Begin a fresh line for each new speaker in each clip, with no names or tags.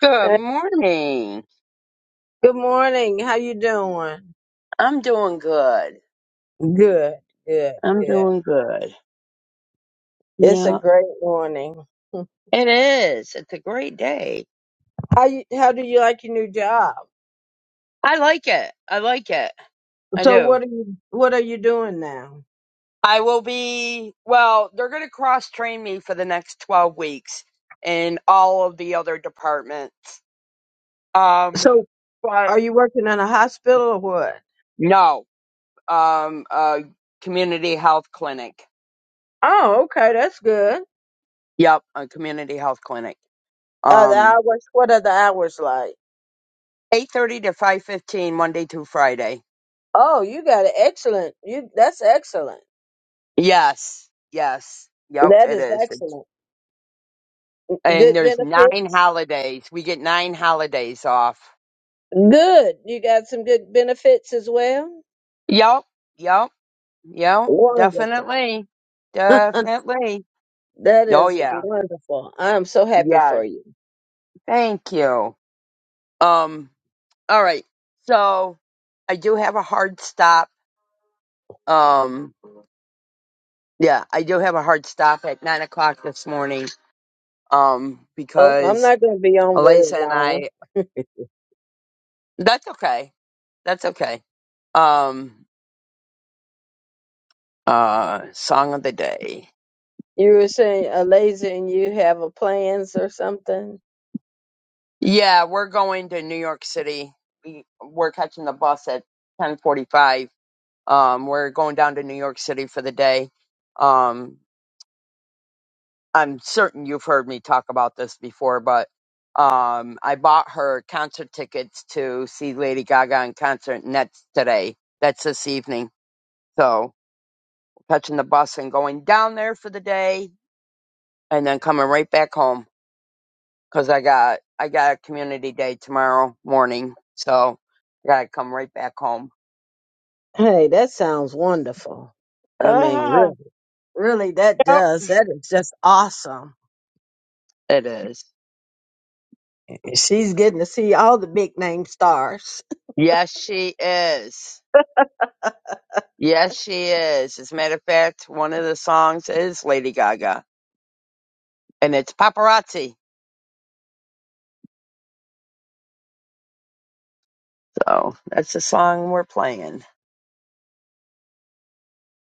Good
Hey,
morning.
Good morning. How you doing?
I'm doing good.
Good, good,
I'm
good.
doing good.
It's a
Yeah,
great morning.
it is. It's a great day.
How you, how do you like your new job?
I like it. I like it. I
So
do.
what are you what are you doing now?
I will be, well, they're going to cross train me for the next 12 weeks in all of the other departments. Um,
So
but
are you working in a hospital or what?
no, um, a community health clinic.
Oh, okay, that's good.
Yep, a community health clinic.
Uh, the
Um,
hours. What are the hours like?
8:30 to 5:15 Monday through Friday.
Oh, you got an excellent. You that's excellent.
Yes, yes, yep,
That
it
is
is. It's,
excellent.
and
Good
there's
benefits.
nine holidays. We get nine holidays off.
Good. You got some good benefits as well.
Yep, yep, yep,
Wonderful.
definitely, definitely.
That
Oh
is
yeah,
wonderful. I am so happy
yes.
for you.
Thank you. Um. All right. So I do have a hard stop. Um. Yeah, I do have a hard stop at nine o'clock this morning. Um,
Oh, I'm
because
not going to be on very
Elisa and
long.
I. That's okay. That's okay. Um. Uh, song of the day.
You were saying a laser and you have a plans or something.
Yeah, we're going to New York City. We, we're catching the bus at 10:45. Um, we're going down to New York City for the day. Um, I'm certain you've heard me talk about this before, but um, I bought her concert tickets to see Lady Gaga in concert, and that's today. That's this evening. So catching the bus and going down there for the day, and then coming right back home. 'cause I got I got a community day tomorrow morning, so I gotta come right back home.
Hey, that sounds wonderful. I mean,
Uh-huh.
really, really, that
Yep.
does. That is just awesome.
It is.
She's getting to see all the big name stars.
Yes, she is. Yes, she is. As a matter of fact, one of the songs is Lady Gaga, and it's Paparazzi. So that's the song we're playing.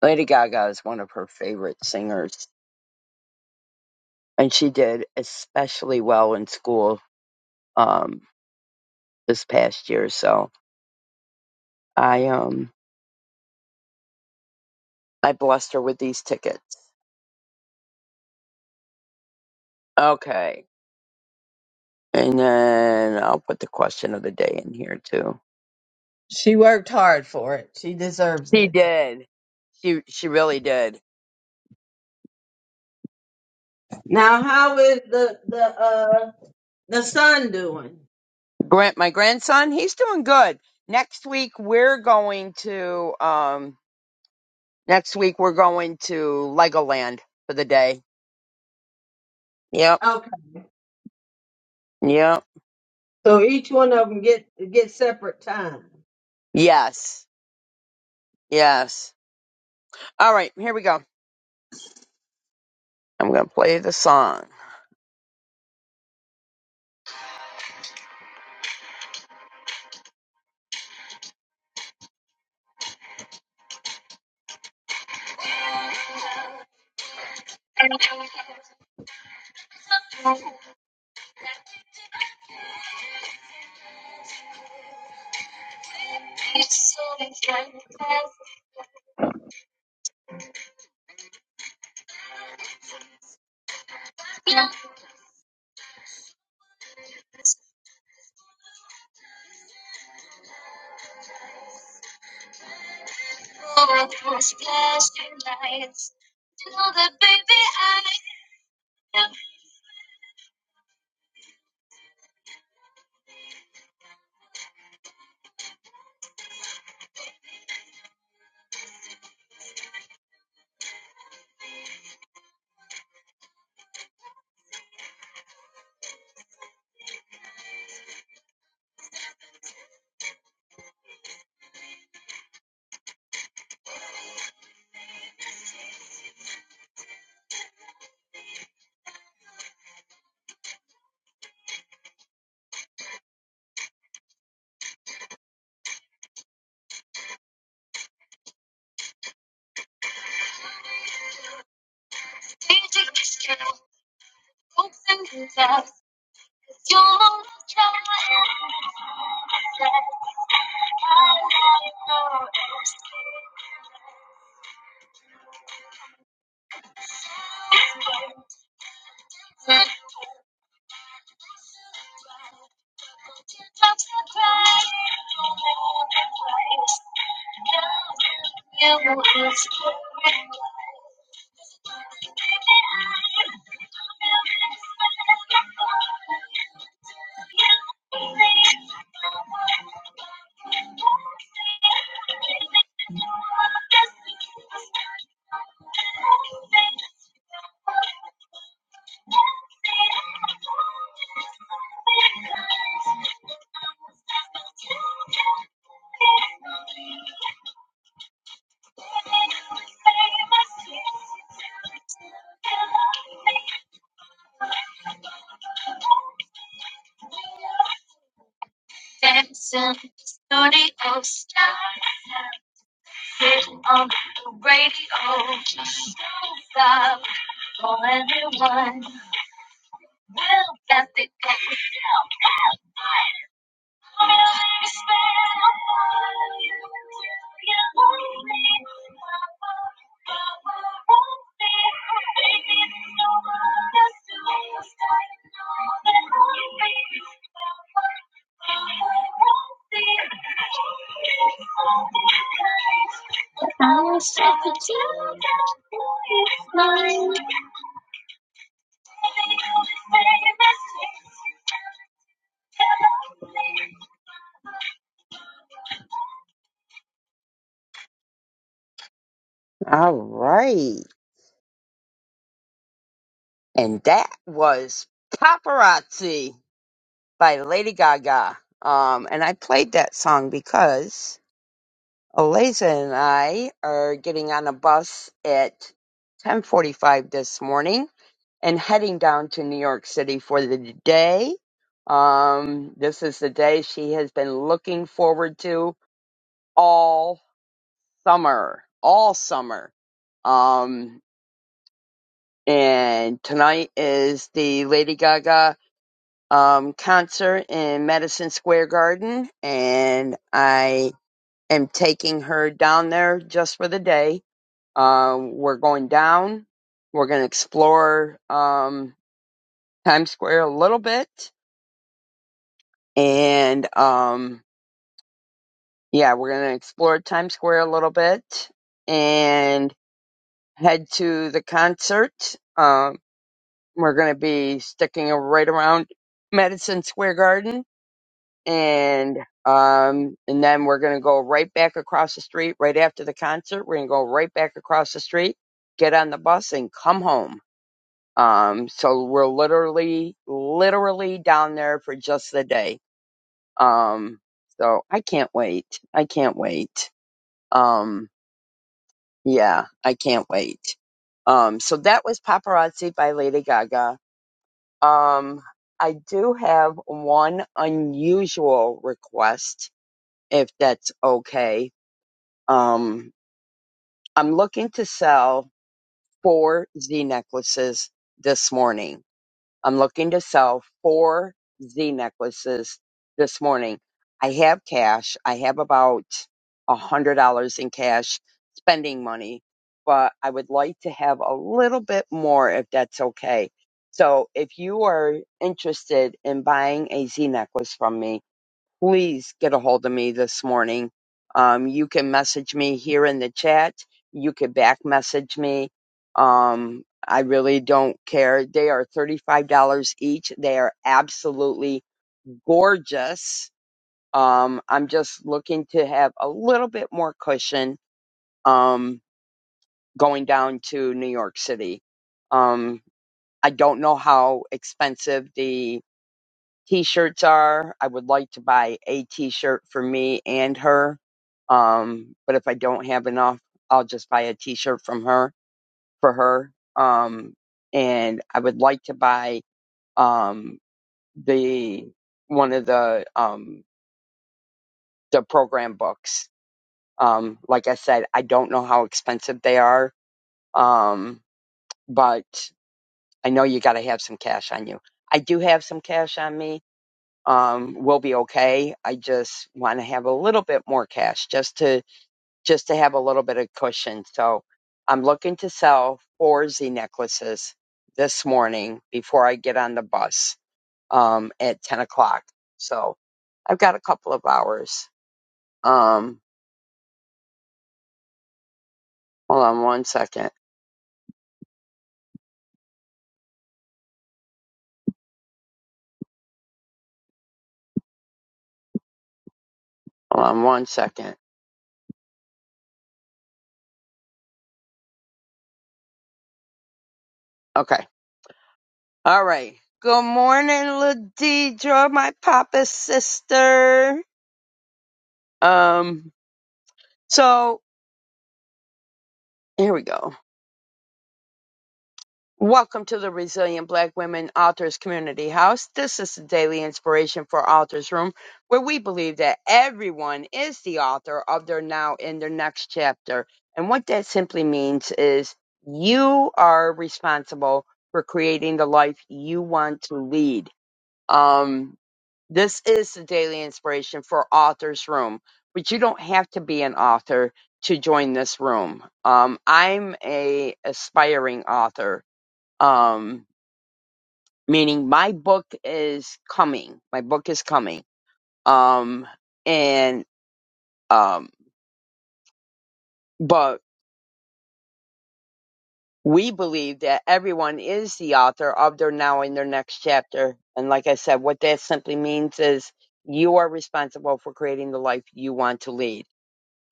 Lady Gaga is one of her favorite singers, and she did especially well in school um, this past year. So I um I blessed her with these tickets. Okay, And then I'll put the question of the day in here too.
She worked hard for it. She deserves
She
it.
did. She she really did.
Now, how is the the uh the son doing?
Grant my grandson, he's doing good. Next week we're going to um next week we're going to Legoland for the day. Yep.
Okay,
Yep.
so each one of them get get separate time.
Yes. Yes. All right, here we go. I'm gonna play the song. All right. And that was Paparazzi by Lady Gaga. Um and I played that song because Eliza and I are getting on a bus at 10:45 this morning and heading down to New York City for the day. Um, this is the day she has been looking forward to all summer, all summer. Um, and tonight is the Lady Gaga um, concert in Madison Square Garden, and I am taking her down there just for the day Um, we're going down. We're going to explore um, Times Square a little bit. And um, yeah, we're going to explore Times Square a little bit and head to the concert. Um, we're going to be sticking right around Madison Square Garden. And um, and then we're going to go right back across the street right after the concert. We're going to go right back across the street, get on the bus, and come home Um, so we're literally, literally down there for just the day. Um, so I can't wait. I can't wait. Um, yeah, I can't wait. Um, so that was Paparazzi by Lady Gaga. Um, I do have one unusual request, if that's okay. Um, I'm looking to sell four Z necklaces this morning I'm looking to sell four Z necklaces this morning. I have cash. I have about a hundred dollars in cash spending money, but I would like to have a little bit more if that's okay. So if you are interested in buying a Z necklace from me, please get a hold of me this morning. Um, you can message me here in the chat. You could back message me. Um, I really don't care. They are $35 each. They are absolutely gorgeous. Um, I'm just looking to have a little bit more cushion um, going down to New York City. Um, I don't know how expensive the t-shirts are. I would like to buy a t-shirt for me and her. Um, but if I don't have enough, I'll just buy a t-shirt from her for her. Um, and I would like to buy um the one of the um the program books. Um, like I said, I don't know how expensive they are. Um, but I know you got to have some cash on you. I do have some cash on me um, we'll be okay. I just want to have a little bit more cash just to just to have a little bit of cushion. So I'm looking to sell four Z necklaces this morning before I get on the bus um, at ten o'clock. So I've got a couple of hours. Um, hold on one second. Hold on one second. Okay. All right. Good morning, Ladidra, my papa's sister. Um, so here we go Welcome to the Resilient Black Women Authors Community House. This is the daily inspiration for Authors Room, where we believe that everyone is the author of their now in their next chapter. And what that simply means is you are responsible for creating the life you want to lead. Um, this is the daily inspiration for Authors Room, but you don't have to be an author to join this room. Um, I'm a aspiring author um meaning my book is coming my book is coming um and um but we believe that everyone is the author of their now in their next chapter and like i said what that simply means is you are responsible for creating the life you want to lead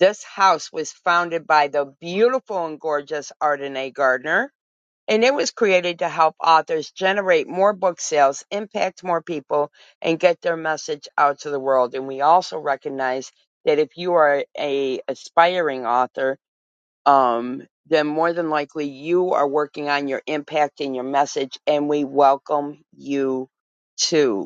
this house was founded by the beautiful and gorgeous Ardenae Gardner and it was created to help authors generate more book sales, impact more people, and get their message out to the world. And we also recognize that if you are a aspiring author, um, then more than likely you are working on your impact and your message, and we welcome you too.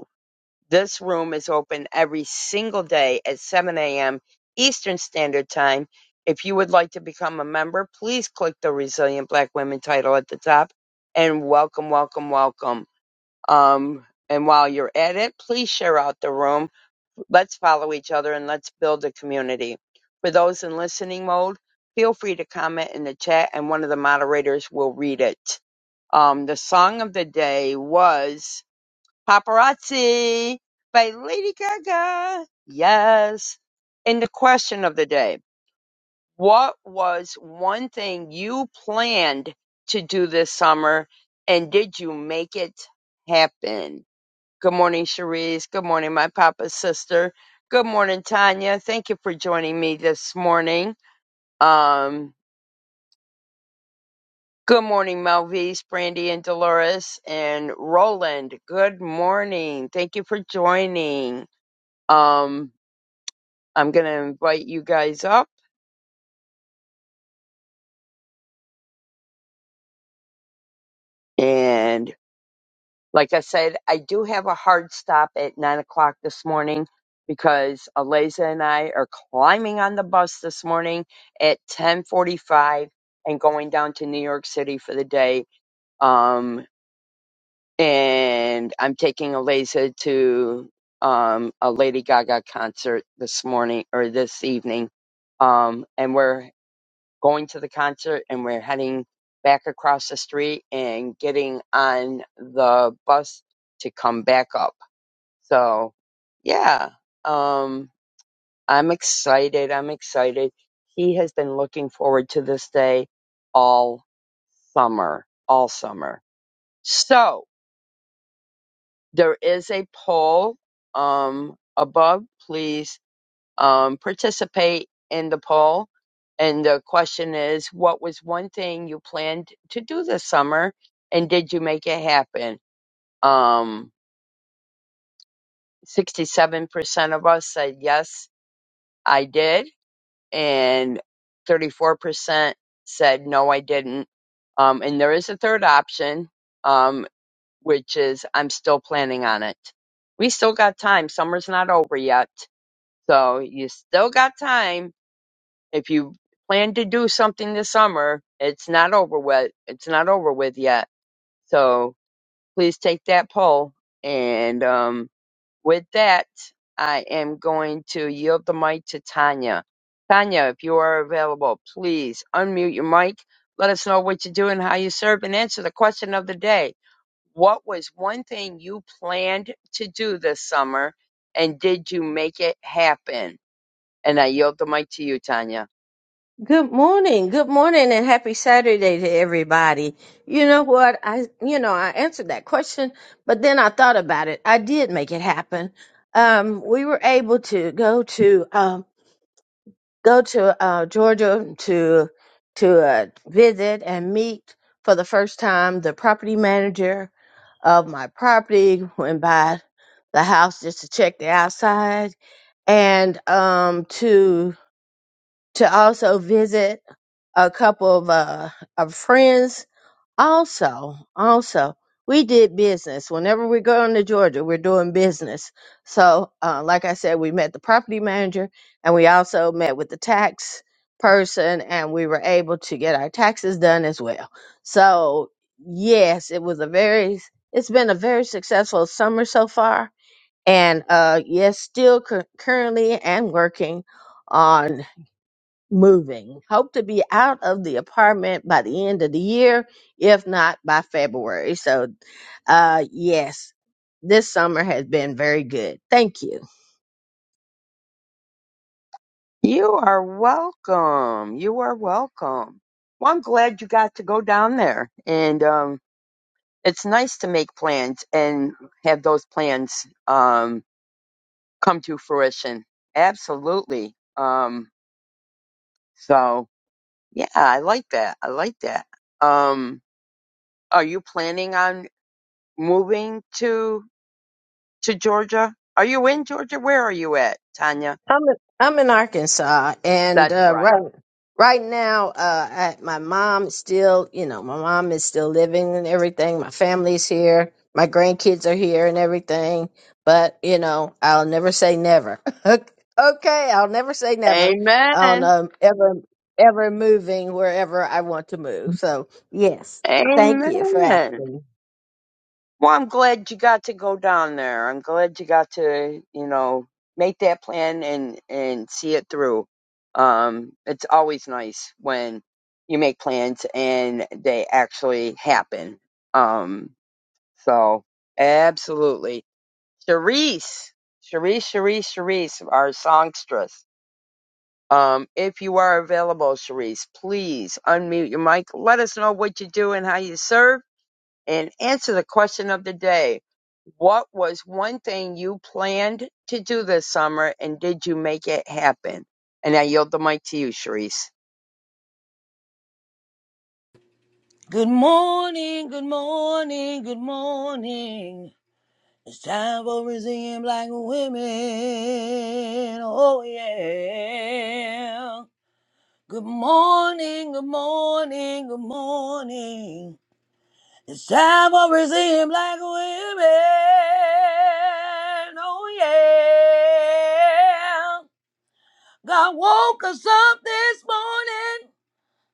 This room is open every single day at 7 a.m. Eastern Standard Time. If you would like to become a member, please click the Resilient Black Women title at the top and welcome, welcome, welcome. Um, and while you're at it, please share out the room. Let's follow each other and let's build a community. For those in listening mode, feel free to comment in the chat and one of the moderators will read it. Um, the song of the day was Paparazzi by Lady Gaga. Yes. And the question of the day What was one thing you planned to do this summer and did you make it happen? Good morning, Cherise. Good morning, my papa's sister. Good morning, Tanya. Thank you for joining me this morning. Um, good morning, Melvise, Brandy, and Dolores, and Roland. Good morning. Thank you for joining. Um, I'm going to invite you guys up. And like I said, I do have a hard stop at nine o'clock this morning because Aliza and I are climbing on the bus this morning at 1045 and going down to New York City for the day. Um, and I'm taking Aliza to um, a Lady Gaga concert this morning or this evening. Um, and we're going to the concert and we're heading back across the street and getting on the bus to come back up. So, yeah, um, I'm excited. I'm excited. He has been looking forward to this day all summer, all summer. So, there is a poll um, above. Please um, participate in the poll. And the question is, what was one thing you planned to do this summer, and did you make it happen? Um, 67% of us said yes, I did, and 34% said no, I didn't. Um, and there is a third option, um, which is I'm still planning on it. We still got time. Summer's not over yet. So you still got time If you plan to do something this summer, it's not over with. It's not over with yet. So please take that poll. And um, with that, I am going to yield the mic to Tanya. Tanya, if you are available, please unmute your mic. Let us know what you do and how you serve and answer the question of the day. What was one thing you planned to do this summer and did you make it happen? And I yield the mic to you, Tanya.
Good morning. Good morning and happy Saturday to everybody. You know what? I, you know, I answered that question, but then I thought about it. I did make it happen. Um, we were able to go to, um, go to, uh, Georgia to, to, uh, visit and meet for the first time the property manager of my property. Went by the house just to check the outside and, um, to to also visit a couple of uh of friends. Also, also we did business. Whenever we're going to Georgia, we're doing business. So, uh, like I said, we met the property manager, and we also met with the tax person, and we were able to get our taxes done as well. So, yes, it was a very it's been a very successful summer so far, and uh, yes, still cur- currently and working on moving. Hope to be out of the apartment by the end of the year, if not by February. So, uh, yes, this summer has been very good. Thank you.
You are welcome. You are welcome. Well, I'm glad you got to go down there. And um, it's nice to make plans and have those plans um, come to fruition. Absolutely. Um, so, yeah, I like that. I like that. Um, are you planning on moving to to Georgia? Are you in Georgia? Where are you at, Tanya?
I'm in, I'm in Arkansas, and
That's
uh,
right.
right right now, uh, I, my mom still, you know, my mom is still living and everything. My family's here, my grandkids are here, and everything. But you know, I'll never say never. okay, I'll never say never on
Amen.
um, ever ever moving wherever I want to move. So yes, thank you for
Amen.
asking.
Well, I'm glad you got to go down there. I'm glad you got to, you know, make that plan and and see it through. Um, it's always nice when you make plans and they actually happen. Um, so absolutely, Charisse, Charisse, Charisse, Charisse, our songstress. Um, if you are available, Charisse, please unmute your mic. Let us know what you do and how you serve and answer the question of the day. What was one thing you planned to do this summer and did you make it happen? And I yield the mic to you, Sharice.
Good morning, good morning, good morning. It's time for Brazilian black women. Oh, yeah. Good morning, good morning, good morning. It's time for Brazilian black women. Oh, yeah. God woke us up this morning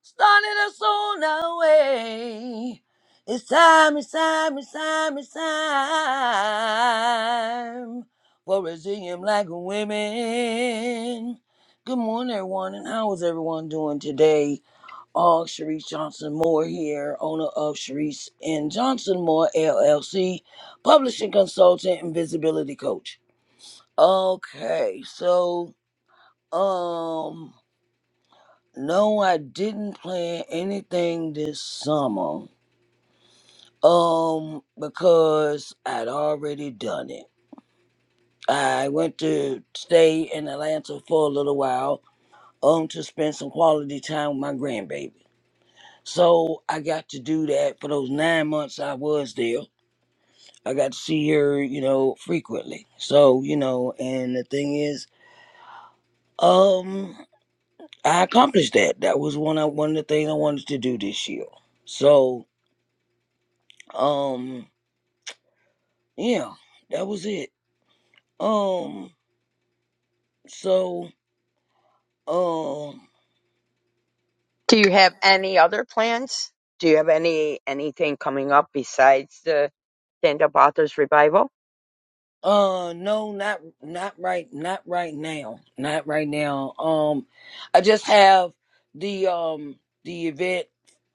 starting us on our way. It's time, it's time, it's time, it's time for Resilient Black Women. Good morning, everyone, and how is everyone doing today? All Sharice Johnson Moore here, owner of Sharice and Johnson Moore LLC, publishing consultant and visibility coach. Okay, so um no, I didn't plan anything this summer. Um, because I'd already done it. I went to stay in Atlanta for a little while, um, to spend some quality time with my grandbaby. So I got to do that for those nine months I was there. I got to see her, you know, frequently. So, you know, and the thing is, um, I accomplished that. That was one of one of the things I wanted to do this year. So, um yeah, that was it. Um, so um
Do you have any other plans? Do you have any anything coming up besides the stand up authors revival?
uh no not not right not right now. Not right now. Um I just have the um the event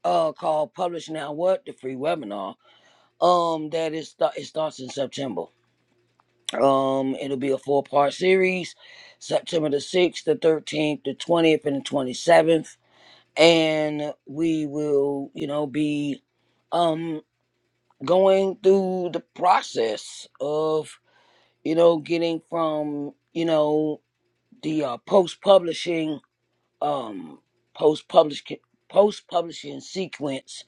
uh called Publish Now What, the free webinar. Um that is sta- it starts in September. Um it'll be a four part series, September the sixth, the thirteenth, the twentieth, and the twenty seventh. And we will, you know, be um going through the process of you know getting from you know the uh, post publishing um post publish post publishing sequence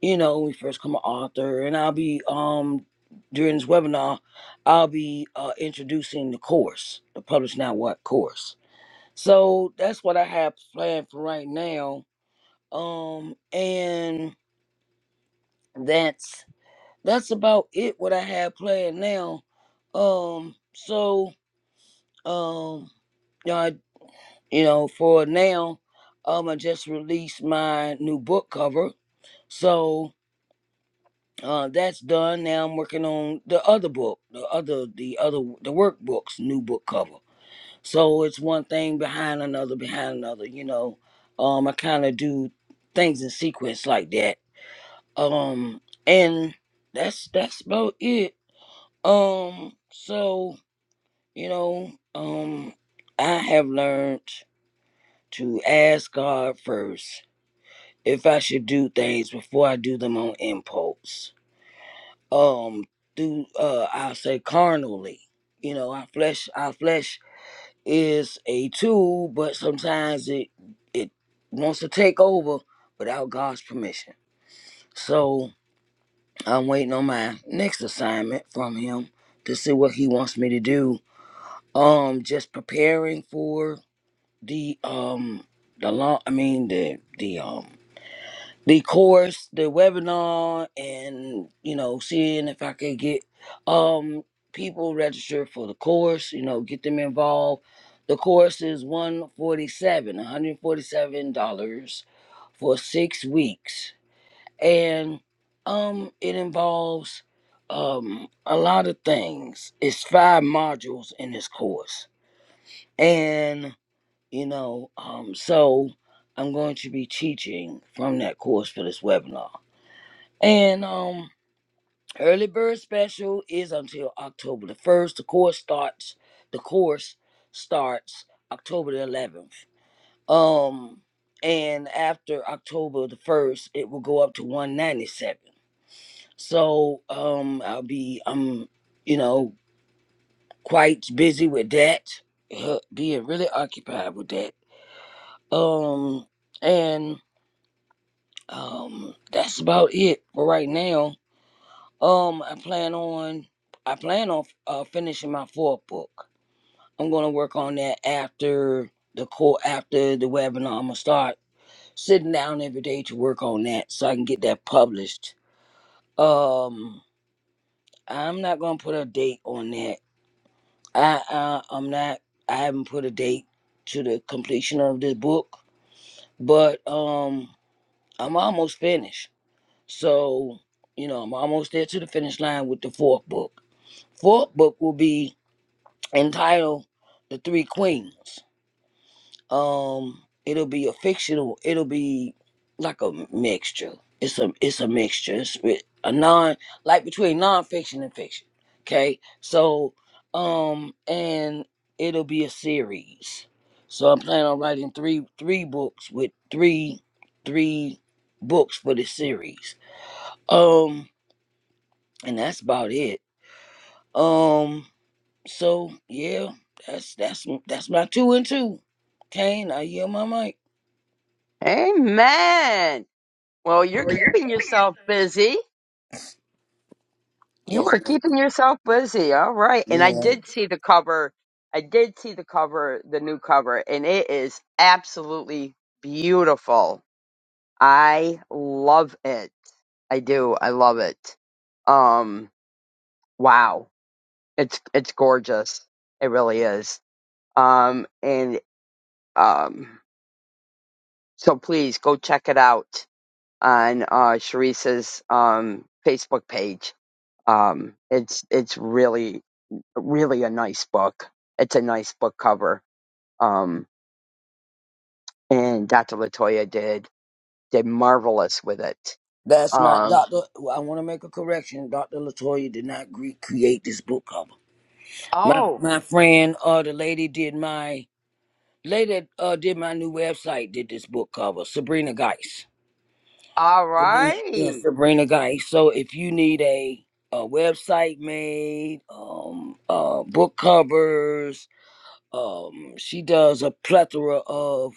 you know we first come an author and i'll be um during this webinar i'll be uh, introducing the course the publish now what course so that's what i have planned for right now um and that's that's about it what I have planned now. Um, so um, you know, I, you know, for now, um, I just released my new book cover, so uh, that's done. Now I'm working on the other book, the other, the other, the workbook's new book cover. So it's one thing behind another, behind another. You know, um, I kind of do things in sequence like that. Um, and that's that's about it. Um, so You know, um, I have learned to ask God first if I should do things before I do them on impulse. Um, through uh, I say carnally. You know, our flesh, our flesh is a tool, but sometimes it it wants to take over without God's permission. So I'm waiting on my next assignment from Him to see what He wants me to do. Um, just preparing for the um the long I mean the the um the course, the webinar and you know, seeing if I could get um people registered for the course, you know, get them involved. The course is 147 $147 for 6 weeks and um it involves um a lot of things. It's five modules in this course. and you know um so i'm going to be teaching from that course for this webinar and um early bird special is until october the 1st the course starts the course starts october the 11th um and after october the 1st it will go up to 197 so um i'll be um you know quite busy with that uh, being really occupied with that um and Um, that's about it for right now. Um, I plan on I plan on uh, finishing my fourth book. I'm gonna work on that after the call after the webinar. I'm gonna start sitting down every day to work on that so I can get that published. Um, I'm not gonna put a date on that. I, I I'm not. I haven't put a date to the completion of this book, but um, I'm almost finished. So, you know, I'm almost there to the finish line with the fourth book. Fourth book will be entitled The Three Queens. Um, it'll be a fictional, it'll be like a mixture. It's a it's a mixture. It's wi- a non like between nonfiction and fiction. Okay. So um and it'll be a series. So I'm planning on writing three three books with three three books for the series. Um. and that's about it. Um, so yeah, that's that's that's my two and two. Kane, I yield my mic.
Amen. Well, you're
Oh, you're
keeping yourself busy. You
Yes,
were
ma'am.
keeping yourself busy. All right. And I
Yeah,
did see the cover. I did see the cover, the new cover, and it is absolutely beautiful. I love it. I do. I love it. Um wow. It's it's gorgeous. It really is. Um and um so please go check it out on uh Sharice's um Facebook page Um, it's it's really really a nice book. It's a nice book cover. Um, and Dr. Latoya did did marvelous with it.
that's not
Um,
Doctor. I want to make a correction. Doctor Latoya did not gre- create this book cover. My
oh,
my friend, uh, the lady did my lady uh did my new website did this book cover. Sabrina Geis.
all
Sabrina, yeah,
right.
Sabrina Geis. So if you need a a website made, um, uh, book covers, Um, she does a plethora of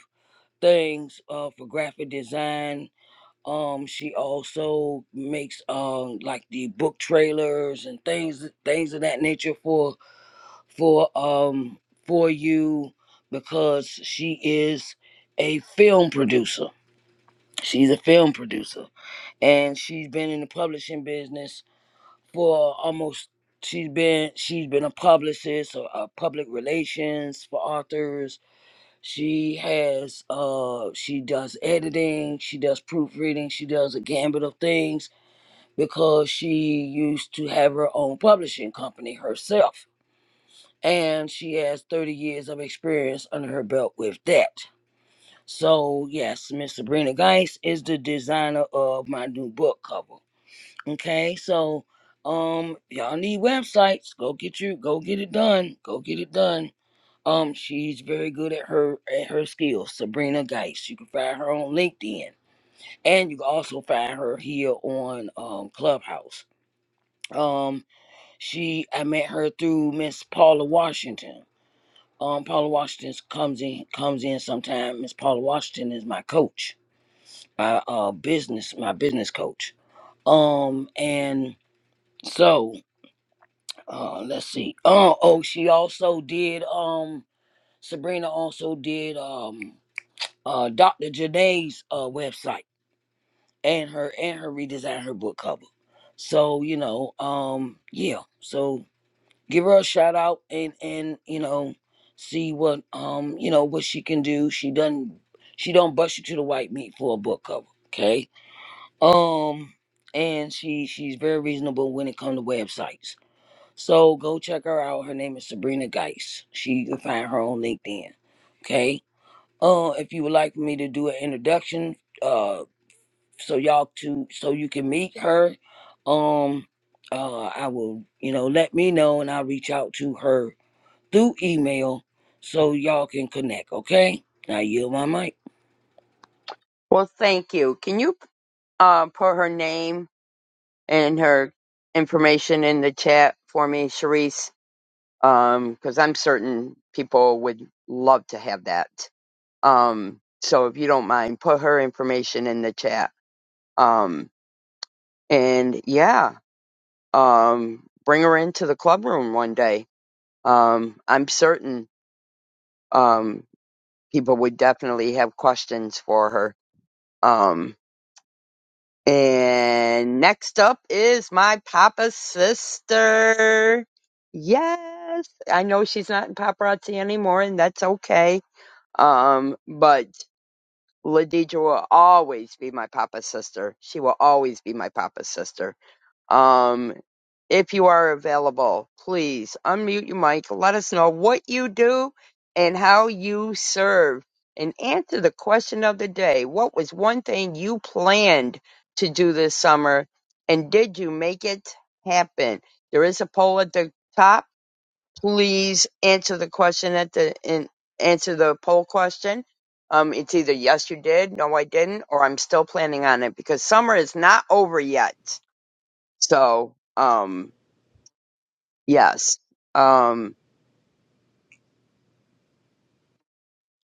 things uh, for graphic design. Um, she also makes um like the book trailers and things things of that nature for for um for you because she is a film producer. She's a film producer and she's been in the publishing business for almost she's been she's been a publicist or a public relations for authors she has uh she does editing, she does proofreading, she does a gambit of things because she used to have her own publishing company herself. And she has 30 years of experience under her belt with that. So yes, Miss Sabrina Geis is the designer of my new book cover. Okay, so um y'all need websites. Go get you go get it done. Go get it done. Um, she's very good at her at her skills. Sabrina Geist. You can find her on LinkedIn, and you can also find her here on um, Clubhouse. Um, she I met her through Miss Paula Washington. Um, Paula Washington comes in comes in sometime. Miss Paula Washington is my coach, my uh business my business coach. Um, and so uh, let's see. Oh, oh, she also did um. Sabrina also did um uh, Dr. Janae's uh, website and her and her redesigned her book cover. So you know, um, yeah. So give her a shout out and and you know, see what um you know what she can do. She doesn't she don't bust you to the white meat for a book cover, okay? Um, and she she's very reasonable when it comes to websites. So go check her out. Her name is Sabrina Geis. She you can find her on LinkedIn. Okay uh, if you would like me to do an introduction, uh, so y'all to so you can meet her, um, uh, I will you know let me know and I'll reach out to her through email so y'all can connect. Okay, I yield my mic.
Well, thank you. Can you um put her name and her information in the chat for me, Sharice? Um, because I'm certain people would love to have that. Um, so if you don't mind, put her information in the chat. Um. and yeah, um, bring her into the club room one day. Um, I'm certain um, people would definitely have questions for her. Um, and next up is my papa's sister. Yes, I know she's not in paparazzi anymore, and that's okay. Um, but Ladija will always be my papa's sister. She will always be my papa's sister. Um, if you are available, please unmute your mic. Let us know what you do and how you serve. And answer the question of the day What was one thing you planned to do this summer? And did you make it happen? There is a poll at the top. Please answer the question at the and answer the poll question. Um, it's either yes, you did, no, I didn't, or I'm still planning on it because summer is not over yet. So, um, Yes. Um,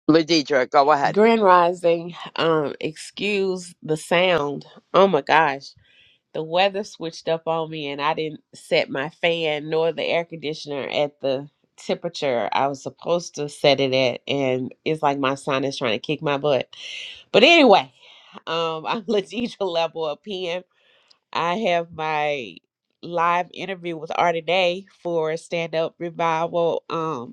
Ladidra, go ahead.
Grand Rising, um, excuse the sound. Oh my gosh, the weather switched up on me, and I didn't set my fan nor the air conditioner at the temperature I was supposed to set it at, and it's like my son is trying to kick my butt. But anyway, um, I'm Letitia Level of PM. I have my live interview with Artie Day for Stand Up Revival. Um,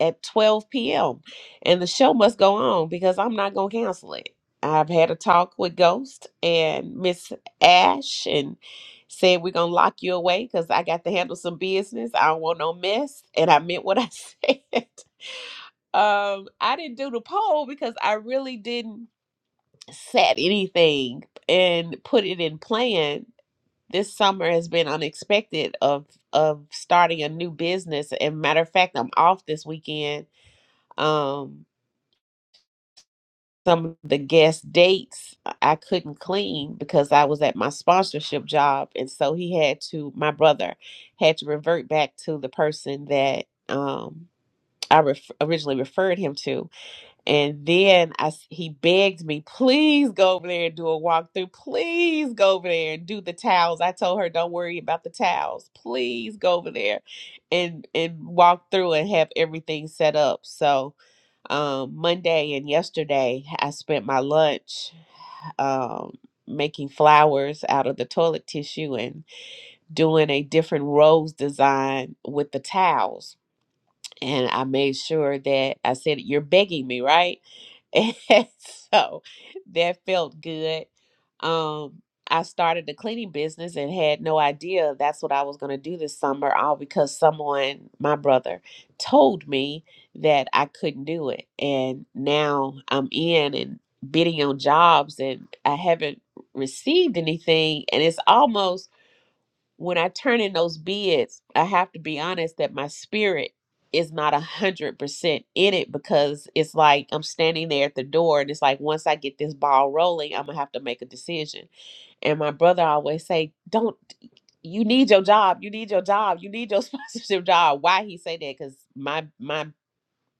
at 12 p.m. And the show must go on because I'm not going to cancel it. I've had a talk with Ghost and Miss Ash and said we're going to lock you away because I got to handle some business. I don't want no mess. And I meant what I said. Um, I didn't do the poll because I really didn't set anything and put it in plan. This summer has been unexpected of of starting a new business. And matter of fact, I'm off this weekend. Um, some of the guest dates I couldn't clean because I was at my sponsorship job. And so he had to, my brother had to revert back to the person that um, I ref- originally referred him to. And then I, s- he begged me, please go over there and do a walkthrough. Please go over there and do the towels. I told her, don't worry about the towels. Please go over there and, and walk through and have everything set up. So, um, Monday and yesterday, I spent my lunch um, making flowers out of the toilet tissue and doing a different rose design with the towels. And I made sure that I said, You're begging me, right? And so that felt good. Um, I started the cleaning business and had no idea that's what I was going to do this summer, all because someone, my brother, told me that I couldn't do it. And now I'm in and bidding on jobs and I haven't received anything. And it's almost when I turn in those bids, I have to be honest that my spirit is not a hundred percent in it because it's like I'm standing there at the door and it's like once I get this ball rolling, I'm gonna have to make a decision. And my brother always say, Don't you need your job, you need your job, you need your sponsorship job. Why he say that? Because my my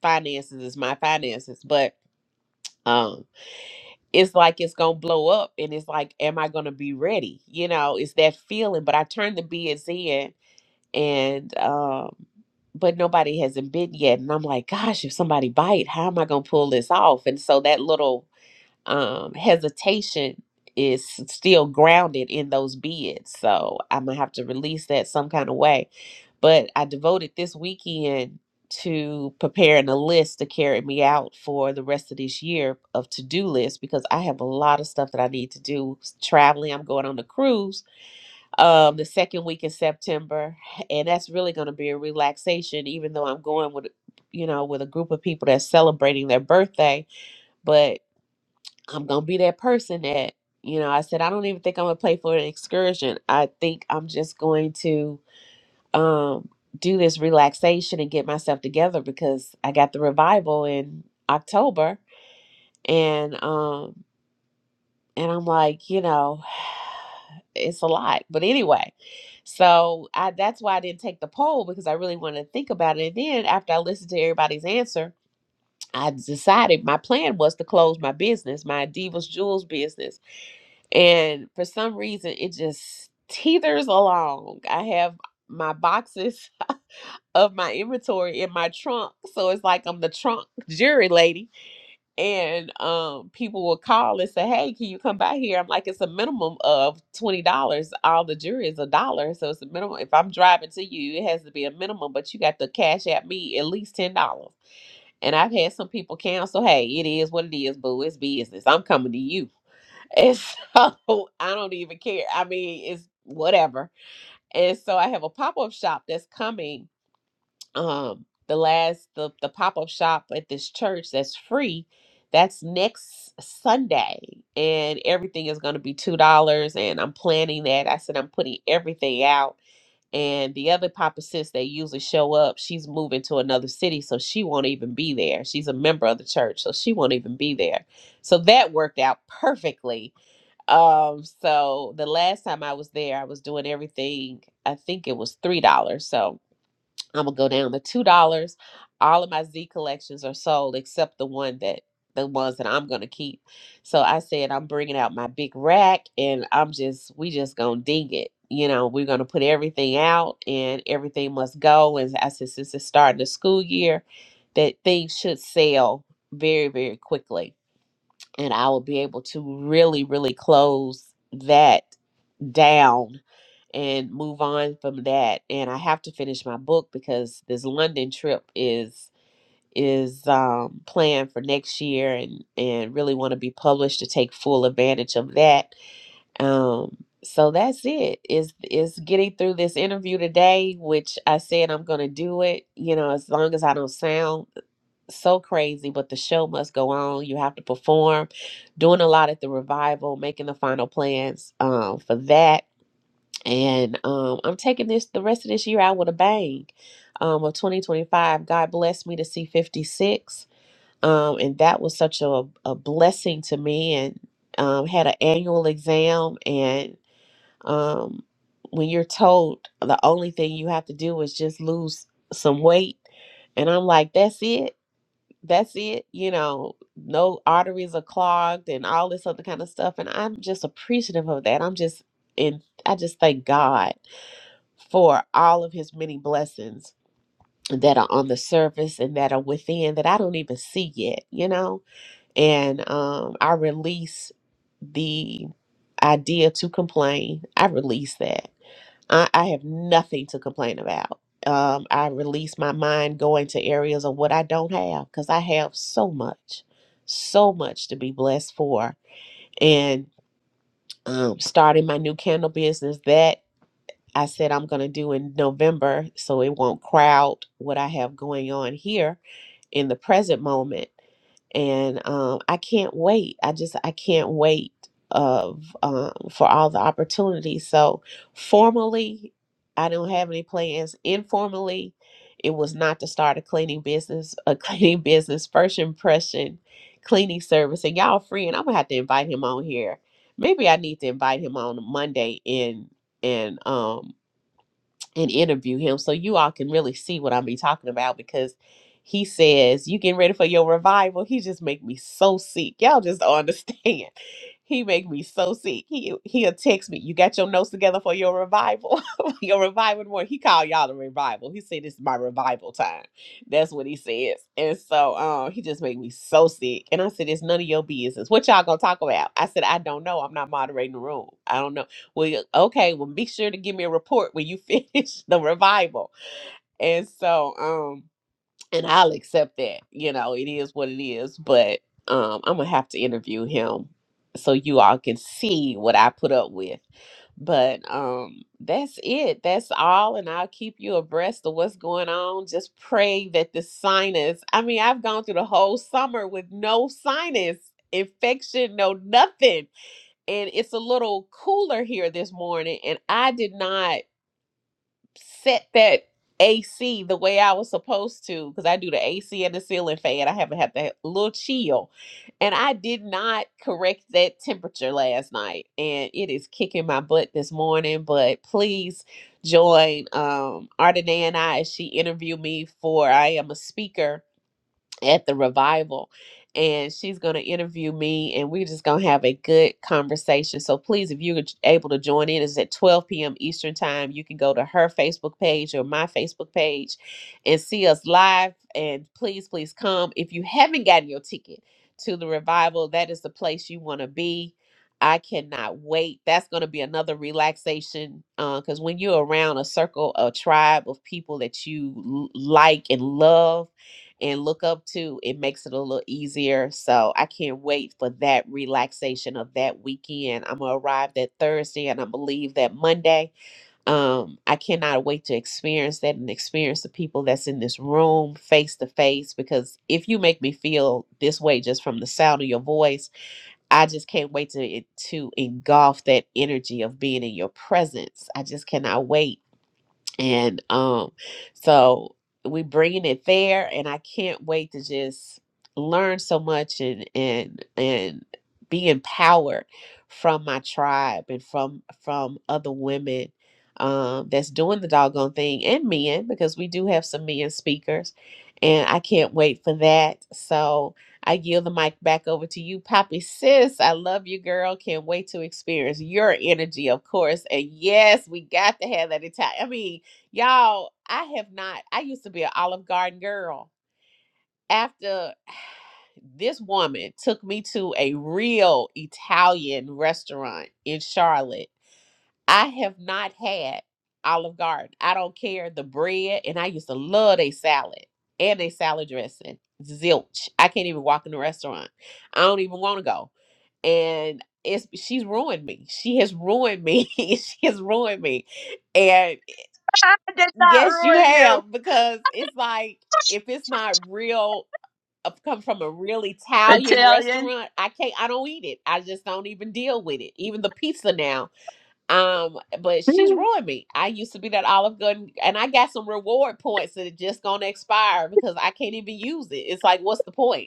finances is my finances. But um it's like it's gonna blow up and it's like, am I gonna be ready? You know, it's that feeling. But I turn the bids in and um but nobody hasn't bid yet and i'm like gosh if somebody bite how am i going to pull this off and so that little um hesitation is still grounded in those bids so i'm going to have to release that some kind of way but i devoted this weekend to preparing a list to carry me out for the rest of this year of to-do list because i have a lot of stuff that i need to do traveling i'm going on the cruise um the second week in September and that's really going to be a relaxation even though I'm going with you know with a group of people that's celebrating their birthday but I'm going to be that person that you know I said I don't even think I'm going to play for an excursion I think I'm just going to um do this relaxation and get myself together because I got the revival in October and um and I'm like you know it's a lot but anyway So I, that's why I didn't take the poll because I really wanted to think about it. And then after I listened to everybody's answer, I decided my plan was to close my business, my Divas Jewels business. And for some reason, it just teeters along. I have my boxes of my inventory in my trunk. So it's like I'm the trunk jury lady and um people will call and say hey can you come by here i'm like it's a minimum of $20 all the jewelry is a dollar so it's a minimum if i'm driving to you it has to be a minimum but you got to cash at me at least $10 and i've had some people cancel hey it is what it is boo it's business i'm coming to you and so i don't even care i mean it's whatever and so i have a pop-up shop that's coming um the last the, the pop-up shop at this church that's free that's next sunday and everything is going to be two dollars and i'm planning that i said i'm putting everything out and the other papa sis that usually show up she's moving to another city so she won't even be there she's a member of the church so she won't even be there so that worked out perfectly um so the last time i was there i was doing everything i think it was three dollars so I'm gonna go down to two dollars. All of my Z collections are sold except the one that the ones that I'm gonna keep. So I said I'm bringing out my big rack, and I'm just we just gonna ding it. You know, we're gonna put everything out, and everything must go. And I said since it's starting the school year, that things should sell very very quickly, and I will be able to really really close that down and move on from that. And I have to finish my book because this London trip is is um, planned for next year, and and really want to be published to take full advantage of that. Um, so that's it. Is is getting through this interview today, which I said I'm gonna do it. You know, as long as I don't sound so crazy, but the show must go on. You have to perform, doing a lot at the revival, making the final plans um, for that and um, I'm taking this the rest of this year out with a bang um, of 2025. God blessed me to see 56, um, and that was such a, a blessing to me. And um, had an annual exam, and um, when you're told the only thing you have to do is just lose some weight, and I'm like, that's it. That's it, you know, no arteries are clogged and all this other kind of stuff. And I'm just appreciative of that. I'm just and I just thank God for all of his many blessings that are on the surface and that are within that I don't even see yet, you know? And um, I release the idea to complain. I release that. I, I have nothing to complain about. Um, I release my mind going to areas of what I don't have because I have so much, so much to be blessed for. And um, starting my new candle business, that I said I'm going to do in November so it won't crowd what I have going on here in the present moment. And um, I can't wait. I just I can't wait of um, for all the opportunities. So formally, I don't have any plans. Informally, it was not to start a cleaning business. A cleaning business first impression cleaning service. And y'all, friend, I'm gonna have to invite him on here. Maybe I need to invite him on Monday and and um and interview him so you all can really see what I'm be talking about because he says, You getting ready for your revival? He just make me so sick. Y'all just don't understand. He make me so sick. He he'll text me. You got your notes together for your revival, for your revival tomorrow. He called y'all a revival. He said this is my revival time. That's what he says. And so um, he just made me so sick. And I said, it's none of your business. What y'all gonna talk about? I said, I don't know. I'm not moderating the room. I don't know. Well, you- okay. Well, be sure to give me a report when you finish the revival. And so um and I'll accept that. You know, it is what it is, but um I'm gonna have to interview him so you all can see what I put up with. But um that's it. That's all and I'll keep you abreast of what's going on. Just pray that the sinus I mean, I've gone through the whole summer with no sinus infection, no nothing. And it's a little cooler here this morning and I did not set that AC the way I was supposed to because I do the AC and the ceiling fan. I haven't had that little chill. And I did not correct that temperature last night. And it is kicking my butt this morning. But please join um Ardena and I as she interviewed me for I am a speaker at the revival and she's going to interview me and we're just going to have a good conversation so please if you're able to join in it's at 12 p.m eastern time you can go to her facebook page or my facebook page and see us live and please please come if you haven't gotten your ticket to the revival that is the place you want to be i cannot wait that's going to be another relaxation because when you're around a circle a tribe of people that you l- like and love and look up to, it makes it a little easier. So I can't wait for that relaxation of that weekend. I'm gonna arrive that Thursday and i believe that Monday. Um, I cannot wait to experience that and experience the people that's in this room face to face because if you make me feel this way just from the sound of your voice, I just can't wait to eh, to engulf that energy of being in your presence. I just cannot wait and um so we bringing it there and i can't wait to just learn so much and and and be empowered from my tribe and from from other women um that's doing the doggone thing and men because we do have some men speakers and i can't wait for that so i yield the mic back over to you poppy sis i love you girl can't wait to experience your energy of course and yes we got to have that entire i mean Y'all, I have not. I used to be an Olive Garden girl. After this woman took me to a real Italian restaurant in Charlotte, I have not had Olive Garden. I don't care the bread, and I used to love a salad and a salad dressing. Zilch. I can't even walk in the restaurant. I don't even want to go. And it's she's ruined me. She has ruined me. she has ruined me. and.
I did not
Yes, you
ruin you,
have, because it's like if it's not real, uh, come from a real Italian
Italian.
restaurant, I can't, I don't eat it. I just don't even deal with it. Even the pizza now. Um, but
oh
she's ruined me. I used to be that Olive Garden, and I got some reward points that are just gonna expire because I can't even use it. It's like, what's the point?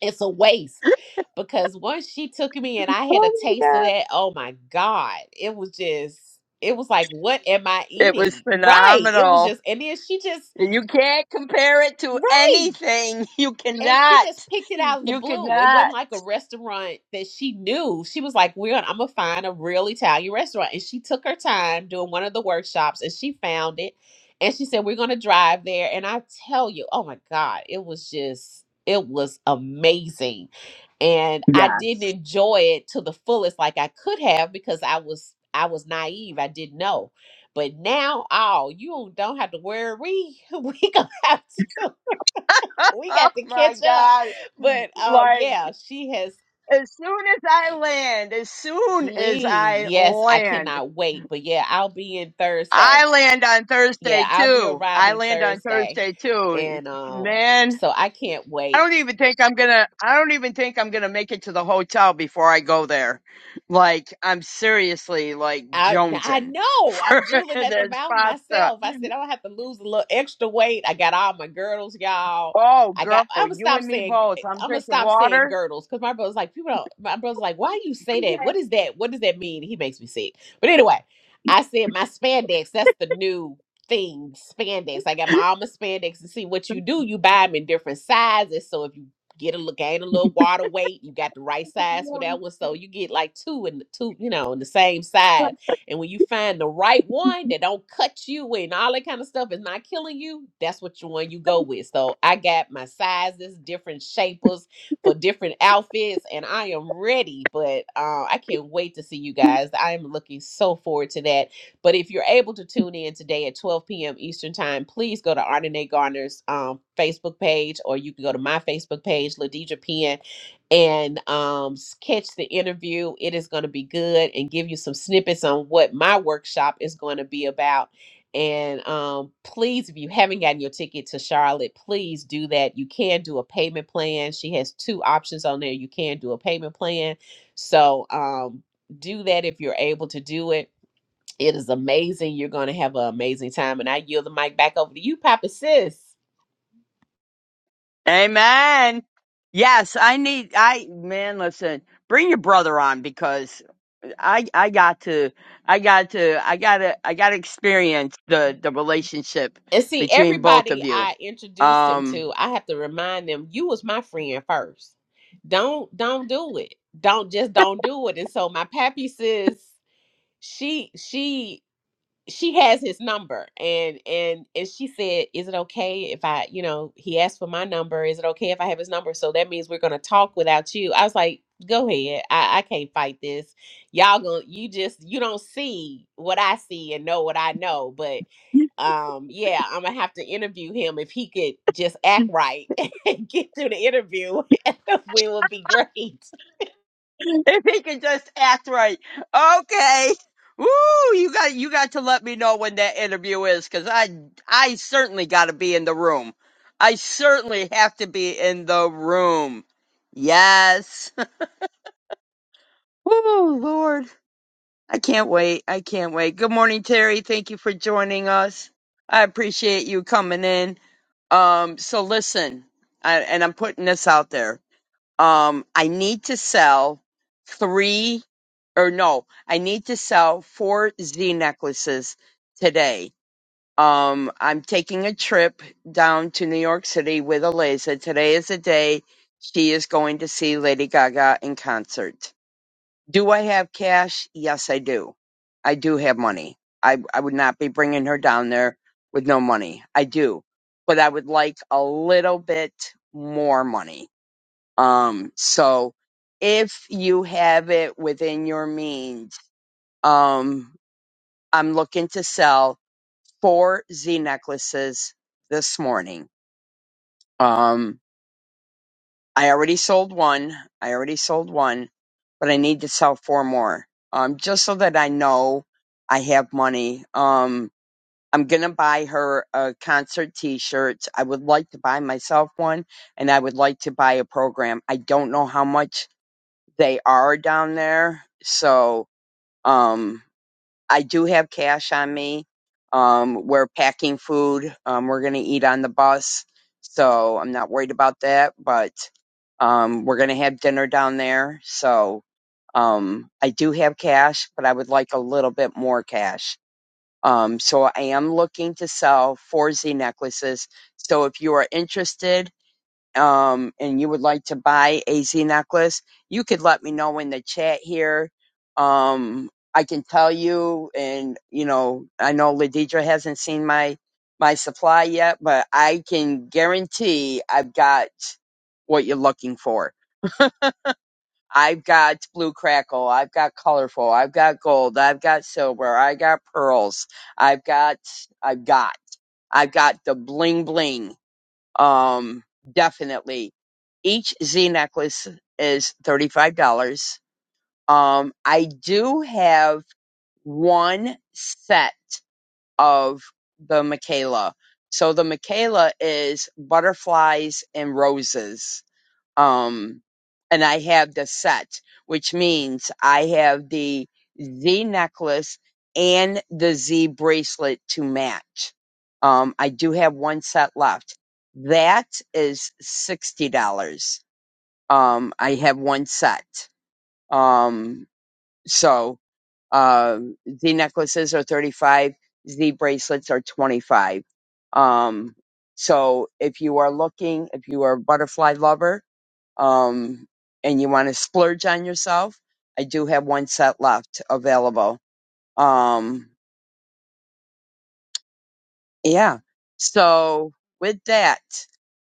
it's a waste because once she took me and I had a
my
taste of
God.
that, oh my God, it was just, it was like, what am I
It was
eating? Right. It was
phenomenal.
just, and then she just,
And You can't compare it to
right
anything. You
and she
cannot.
just picked it out of the
You
blue. It wasn't
cannot.
like a restaurant that she knew. She was like, "We're I'm gonna find a real Italian restaurant," and she took her time doing one of the workshops, and she found it. And she said, "We're gonna drive there." And I tell you, oh my god, it was just it was amazing, and I didn't
Yes.
enjoy it to the fullest like I could have because I was I was naive. I didn't know. But now, oh, you don't have to worry. We gonna have to we
Oh
got to
my
catch up.
God.
But um,
Like,
yeah, she has.
as soon as I land, as soon as
Please,
I
yes, I
land,
cannot wait. But yeah, I'll be in Thursday.
I land on
Yeah,
Thursday
I'll be
too. I
arriving
land on
Thursday,
Thursday too.
and um,
Man.
so I can't
I
wait.
don't even think I'm gonna. I don't even think I'm gonna make it to the hotel before I go there. Like I'm seriously like
I I
jonesing
know I'm
for
drooling at the
this
mouth
pasta.
myself. I said I don't have to lose a little extra weight. I got all my girdles, y'all.
Oh,
I
girl,
got. I'm gonna
you
stop
and me
saying.
both. I'm
I'm gonna
drinking
stop saying
water.
girdles because my brother's like people don't. My brother's like, why you say that?
Okay.
What is that? What does that mean? He makes me sick. But anyway, I said my spandex. That's the new thing. Spandex. I got my all my spandex. And see what you do. You buy them in different sizes. So if you get a little gain a little water weight, you got the right size for that one. So you get like two and two. You know, in the same size and when you find the right one that don't cut you and all that kind of stuff is not killing you, that's what you one you go with. So I got my sizes, different shapers for different outfits, and I am ready. But uh, I can't wait to see you guys. I am looking so forward to that. But if you're able to tune in today at 12 p.m. Eastern Time, please go to Ardenae Garner's um, Facebook page, or you can go to my Facebook page, Ladija Penn and um, s- catch the interview. It is going to be good and give you some snippets on what my workshop is going to be about. And um, please, if you haven't gotten your ticket to Charlotte, please do that. You can do a payment plan. She has two options on there. You can do a payment plan. So um, do that if you're able to do it it is amazing. You're going to have an amazing time. And I yield the mic back over to you, Papa Sis.
Amen. Yes, I need. I man, listen. Bring your brother on because I I got to I got to I gotta I gotta experience the the relationship
And see,
between both
everybody
of you.
I introduced him
Um.
to, I have to remind them, you was my friend first. Don't don't do it. Don't just don't do it. And so my pappy says she she she has his number and and and she said is it okay if i you know he asked for my number is it okay if i have his number so that means we're gonna talk without you i was like go ahead i, I can't fight this y'all gonna you just you don't see what i see and know what i know but um yeah i'm gonna have to interview him if he could just act right and get through the interview we would be great
if he can just act right. Okay. Woo, you got you got to let me know when that interview is cuz I I certainly got to be in the room. I certainly have to be in the room. Yes. Woo, Lord. I can't wait. I can't wait. Good morning, Terry. Thank you for joining us. I appreciate you coming in. Um so listen, I, and I'm putting this out there um, I need to sell three or no, I need to sell four Z necklaces today. Um, I'm taking a trip down to New York City with Eliza. Today is the day she is going to see Lady Gaga in concert. Do I have cash? Yes, I do. I do have money. I, I would not be bringing her down there with no money. I do. But I would like a little bit more money um, so if you have it within your means, um, I'm looking to sell four Z necklaces this morning. Um, I already sold one. I already sold one, but I need to sell four more. Um, just so that I know I have money. Um, I'm gonna buy her a concert T-shirt. I would like to buy myself one, and I would like to buy a program. I don't know how much they are down there. So um, I do have cash on me. Um, we're packing food. Um, we're going to eat on the bus. So I'm not worried about that. But um, we're going to have dinner down there. So um, I do have cash, but I would like a little bit more cash. Um, so I am looking to sell four Z necklaces. So if you are interested, um, and you would like to buy a Z necklace, you could let me know in the chat here. Um, I can tell you, and you know, I know Ladidra hasn't seen my my supply yet, but I can guarantee I've got what you're looking for. I've got blue crackle. I've got colorful. I've got gold. I've got silver. I got pearls. I've got. I've got. I've got the bling bling. Um, definitely. Each Z necklace is $35. Um, I do have one set of the Michaela. So the Michaela is butterflies and roses um, and I have the set, which means I have the Z necklace and the Z bracelet to match. Um, I do have one set left. That is sixty dollars. Um, I have one set. Um, so uh, Z necklaces are thirty-five. Z bracelets are twenty-five. Um, so if you are looking, if you are a butterfly lover um, and you want to splurge on yourself, I do have one set left available. Um, yeah. So with that,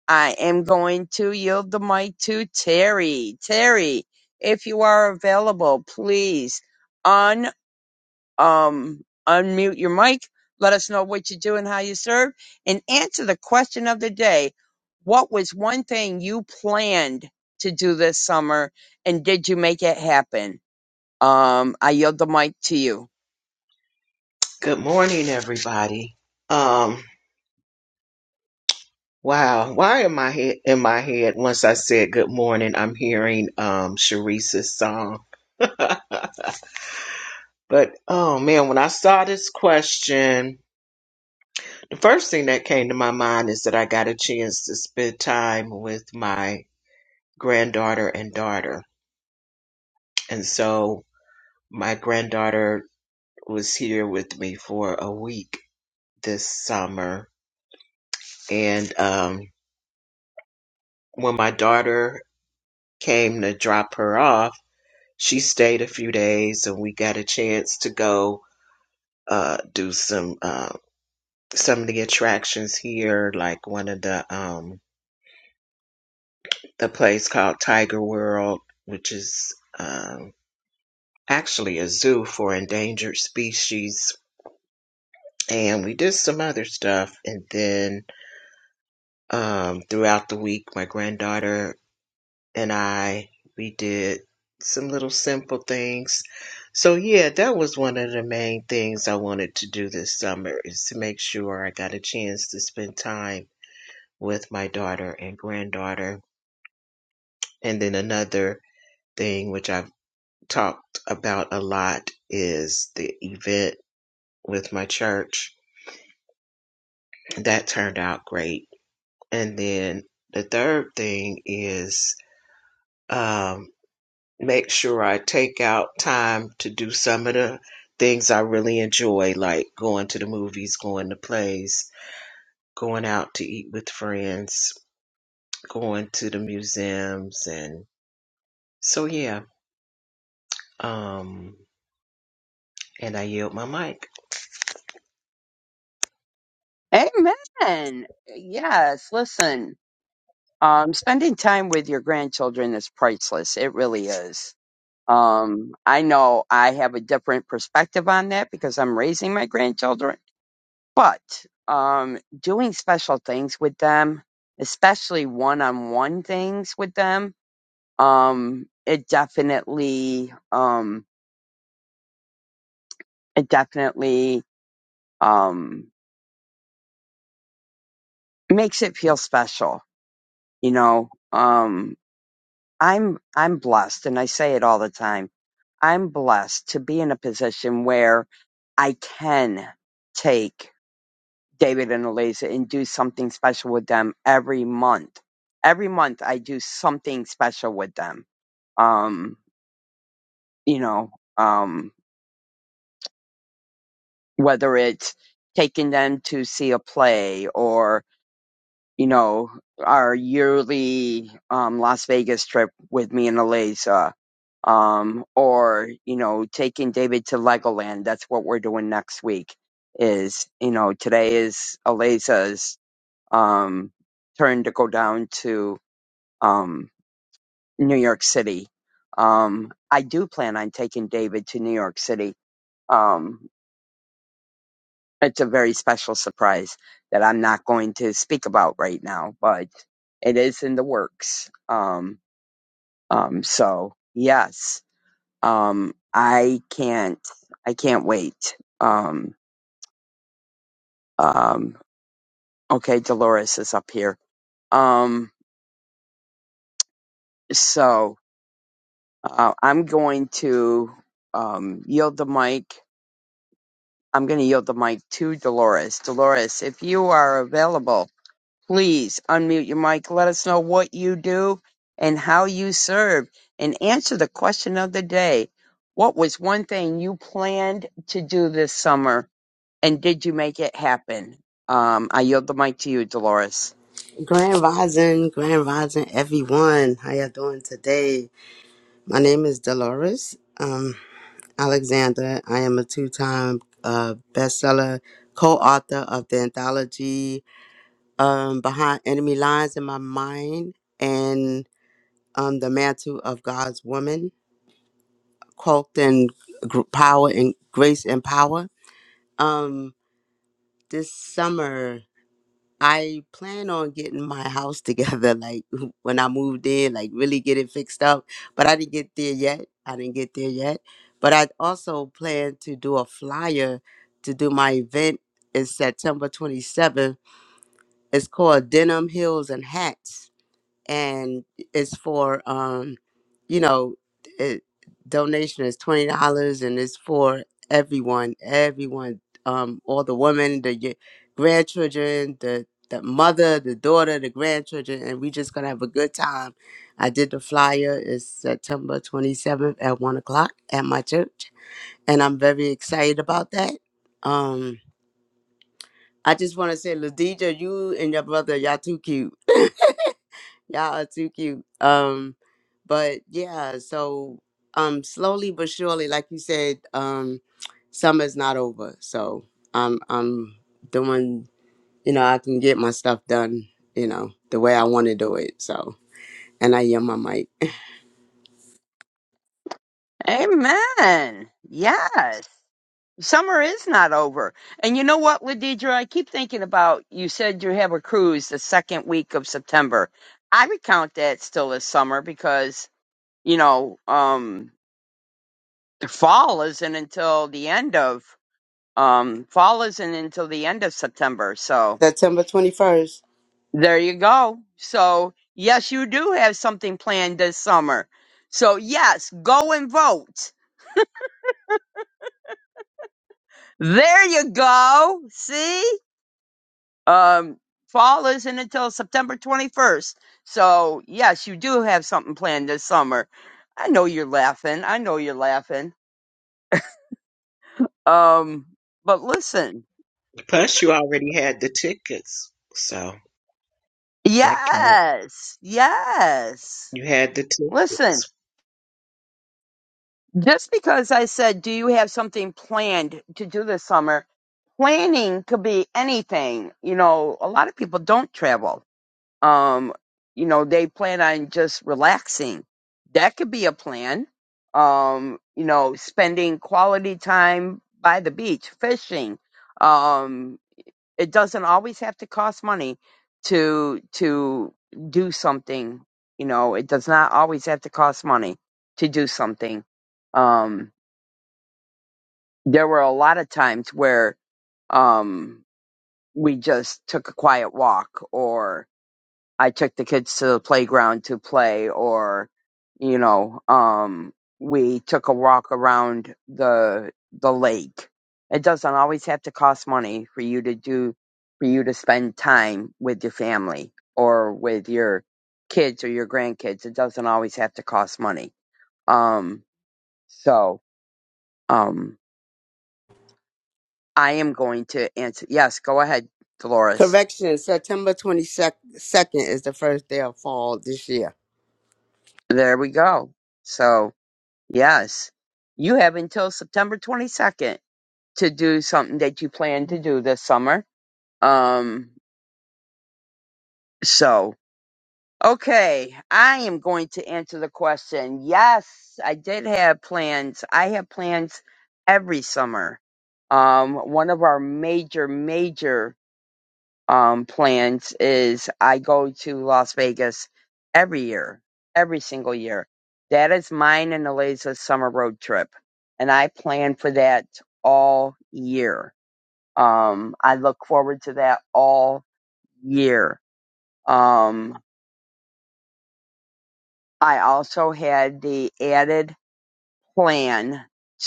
I am going to yield the mic to Terry. Terry, if you are available, please un um unmute your mic. Let us know what you do and how you serve, and answer the question of the day. What was one thing you planned to do this summer, and did you make it happen? Um, I yield the mic to you.
Good morning, everybody. Um, wow, why am I he- in my head? Once I said good morning, I'm hearing um Sharice's song. But oh man, when I saw this question, the first thing that came to my mind is that I got a chance to spend time with my granddaughter and daughter, and so my granddaughter was here with me for a week this summer, and um, when my daughter came to drop her off she stayed a few days and we got a chance to go uh do some uh some of the attractions here like one of the um the place called tiger world which is um actually a zoo for endangered species and we did some other stuff and then um throughout the week my granddaughter and I we did some little simple things. So yeah, that was one of the main things I wanted to do this summer is to make sure I got a chance to spend time with my daughter and granddaughter. And then another thing which I've talked about a lot is the event with my church. That turned out great. And then the third thing is um, make sure I take out time to do some of the things I really enjoy, like going to the movies, going to plays, going out to eat with friends, going to the museums, and so yeah. Um, and I yield my mic.
Amen. Yes, listen, um, spending time with your grandchildren is priceless. It really is. Um, I know I have a different perspective on that because I'm raising my grandchildren, but um, doing special things with them, especially one on one things with them, um, it definitely, um, it definitely um, makes it feel special You know, um, I'm I'm blessed, and I say it all the time. I'm blessed to be in a position where I can take David and Eliza and do something special with them every month. Every month I do something special with them. Um, you know, um, whether it's taking them to see a play or you know, our yearly um, Las Vegas trip with me and Eliza, um, or you know, taking David to Legoland. That's what we're doing next week. Is you know, today is Eliza's um, turn to go down to um, New York City. Um, I do plan on taking David to New York City. Um, It's a very special surprise that I'm not going to speak about right now, but it is in the works. Um, um, so yes, um, I can't, I can't wait. Um, um, okay, Dolores is up here. Um, so uh, I'm going to um, yield the mic. I'm going to yield the mic to Dolores. Dolores, if you are available Please unmute your mic. Let us know what you do and how you serve and answer the question of the day. What was one thing you planned to do this summer and did you make it happen? Um, I yield the mic to you, Dolores.
Grand Rising, Grand Rising, everyone. How y'all doing today? My name is Dolores um, Alexander. I am a two-time uh, bestseller co-author of the anthology um, Behind Enemy Lines in My Mind and um, The Mantle of God's Woman, Cult and Gr- Power and Grace and Power. Um, this summer, I plan on getting my house together, like when I moved in, like really get it fixed up. But I didn't get there yet. I didn't get there yet. But I also plan to do a flyer to do my event. It's September 27th. It's called Denim Heels and Hats and it's for um you know it, donation is twenty dollars and it's for everyone everyone um all the women the y- grandchildren the the mother the daughter the grandchildren and we just gonna have a good time i did the flyer it's september 27th at one o'clock at my church and i'm very excited about that um i just want to say ladija you and your brother y'all too cute Y'all are too cute. Um, but yeah, so um, slowly but surely, like you said, um, summer's not over. So I'm I'm doing, you know, I can get my stuff done, you know, the way I want to do it. So and I am my mic.
Amen. Yes. Summer is not over. And you know what, Ladidra? I keep thinking about you said you have a cruise the second week of September. I would count that still as summer because, you know, um, fall isn't until the end of um fall isn't until the end of September. So
September twenty first.
there you go. So yes, you do have something planned this summer. So yes, go and vote. There you go. See? Um fall isn't until September 21st. So yes, you do have something planned this summer. I know you're laughing. I know you're laughing. Um but listen.
Plus, you already had the tickets, so that can
Yes. Yes.
You had the
Listen,
tickets.
just because I said, do you have something planned to do this summer? Planning could be anything. You know, a lot of people don't travel. Um, you know, they plan on just relaxing. That could be a plan. Um, you know, spending quality time by the beach, fishing, um, it doesn't always have to cost money to to do something. You know, it does not always have to cost money to do something. Um, there were a lot of times where um, we just took a quiet walk or. I took the kids to the playground to play or you know, um we took a walk around the the lake. It doesn't always have to cost money for you to do for you to spend time with your family or with your kids or your grandkids. It doesn't always have to cost money. Um so um I am going to answer yes, go ahead, Dolores.
Correction, September twenty second is the first day of fall this year.
There we go. So. Yes. You have until September 22nd to do something that you plan to do this summer. Um, so, okay. I am going to answer the question. Yes, I did have plans. I have plans every summer. Um, one of our major, major um, plans is I go to Las Vegas every year, every single year. That is mine and Eliza's summer road trip. And I plan for that all year. Um, I look forward to that all year. Um, I also had the added plan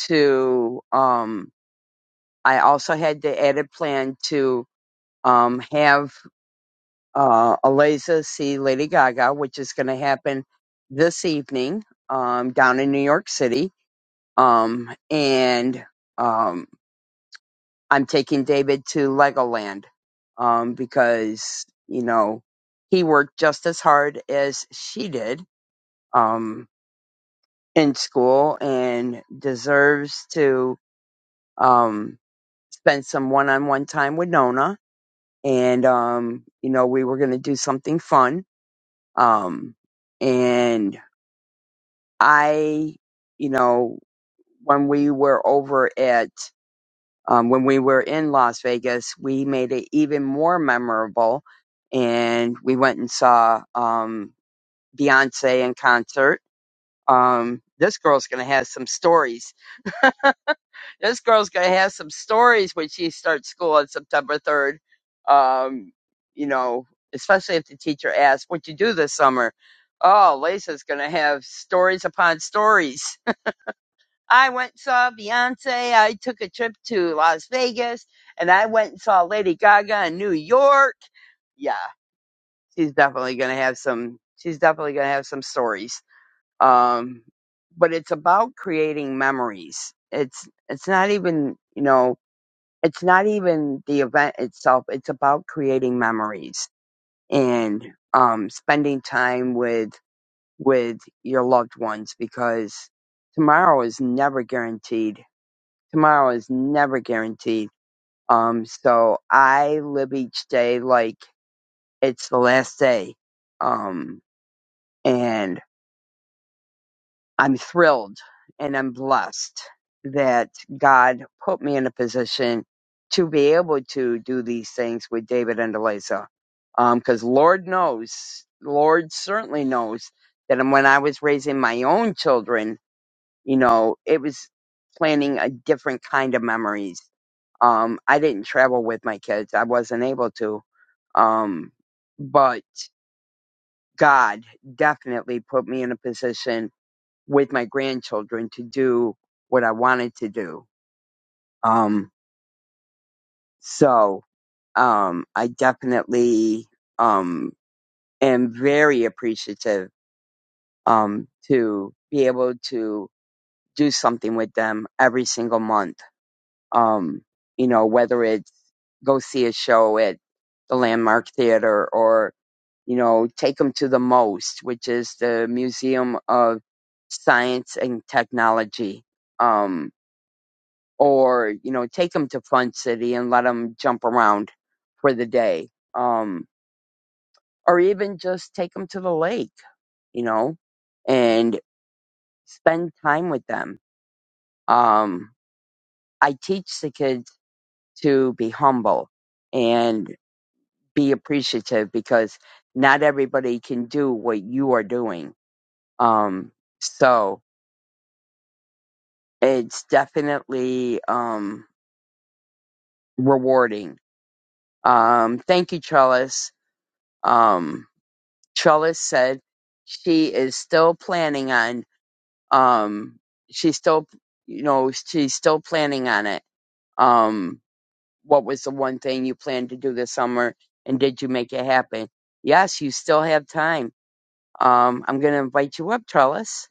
to, um, I also had the added plan to, um, have uh, Eliza see Lady Gaga, which is going to happen this evening um, down in New York City. Um, and um, I'm taking David to Legoland um, because, you know, he worked just as hard as she did um, in school and deserves to um, spend some one on one time with Nona. And, um, you know, we were going to do something fun. Um, and I, you know, when we were over at, um, when we were in Las Vegas, we made it even more memorable. And we went and saw um, Beyonce in concert. Um, this girl's going to have some stories. This girl's going to have some stories when she starts school on September 3rd. Um, you know, especially if the teacher asks, What you do this summer? Oh, Lisa's going to have stories upon stories I went and saw Beyonce. I took a trip to Las Vegas and I went and saw Lady Gaga in New York. Yeah, she's definitely going to have some, she's definitely going to have some stories. Um, but it's about creating memories. It's, it's not even, you know, it's not even the event itself. It's about creating memories and, um, spending time with, with your loved ones because tomorrow is never guaranteed tomorrow is never guaranteed. Um, so I live each day like it's the last day. Um, and I'm thrilled and I'm blessed that God put me in a position to be able to do these things with David and Eliza. Um, cause cause Lord knows, Lord certainly knows that when I was raising my own children, You know, it was planning a different kind of memories. Um, I didn't travel with my kids. I wasn't able to. Um, but God definitely put me in a position with my grandchildren to do what I wanted to do. Um, so, um, I definitely, um, am very appreciative, um, to be able to do something with them every single month. um, you know, whether it's go see a show at the Landmark Theater or, you know, take them to the MOST, which is the Museum of Science and Technology, um, or, you know, take them to Fun City and let them jump around for the day, um, or even just take them to the lake, you know, and spend time with them. Um, I teach the kids to be humble and be appreciative because not everybody can do what you are doing. Um, so it's definitely um, rewarding. Um, thank you, Trellis. Um, Trellis said she is still planning on. Um, she's still, you know, she's still planning on it. Um, what was the one thing you planned to do this summer, and did you make it happen? Yes, you still have time. Um, I'm going to invite you up, Trellis.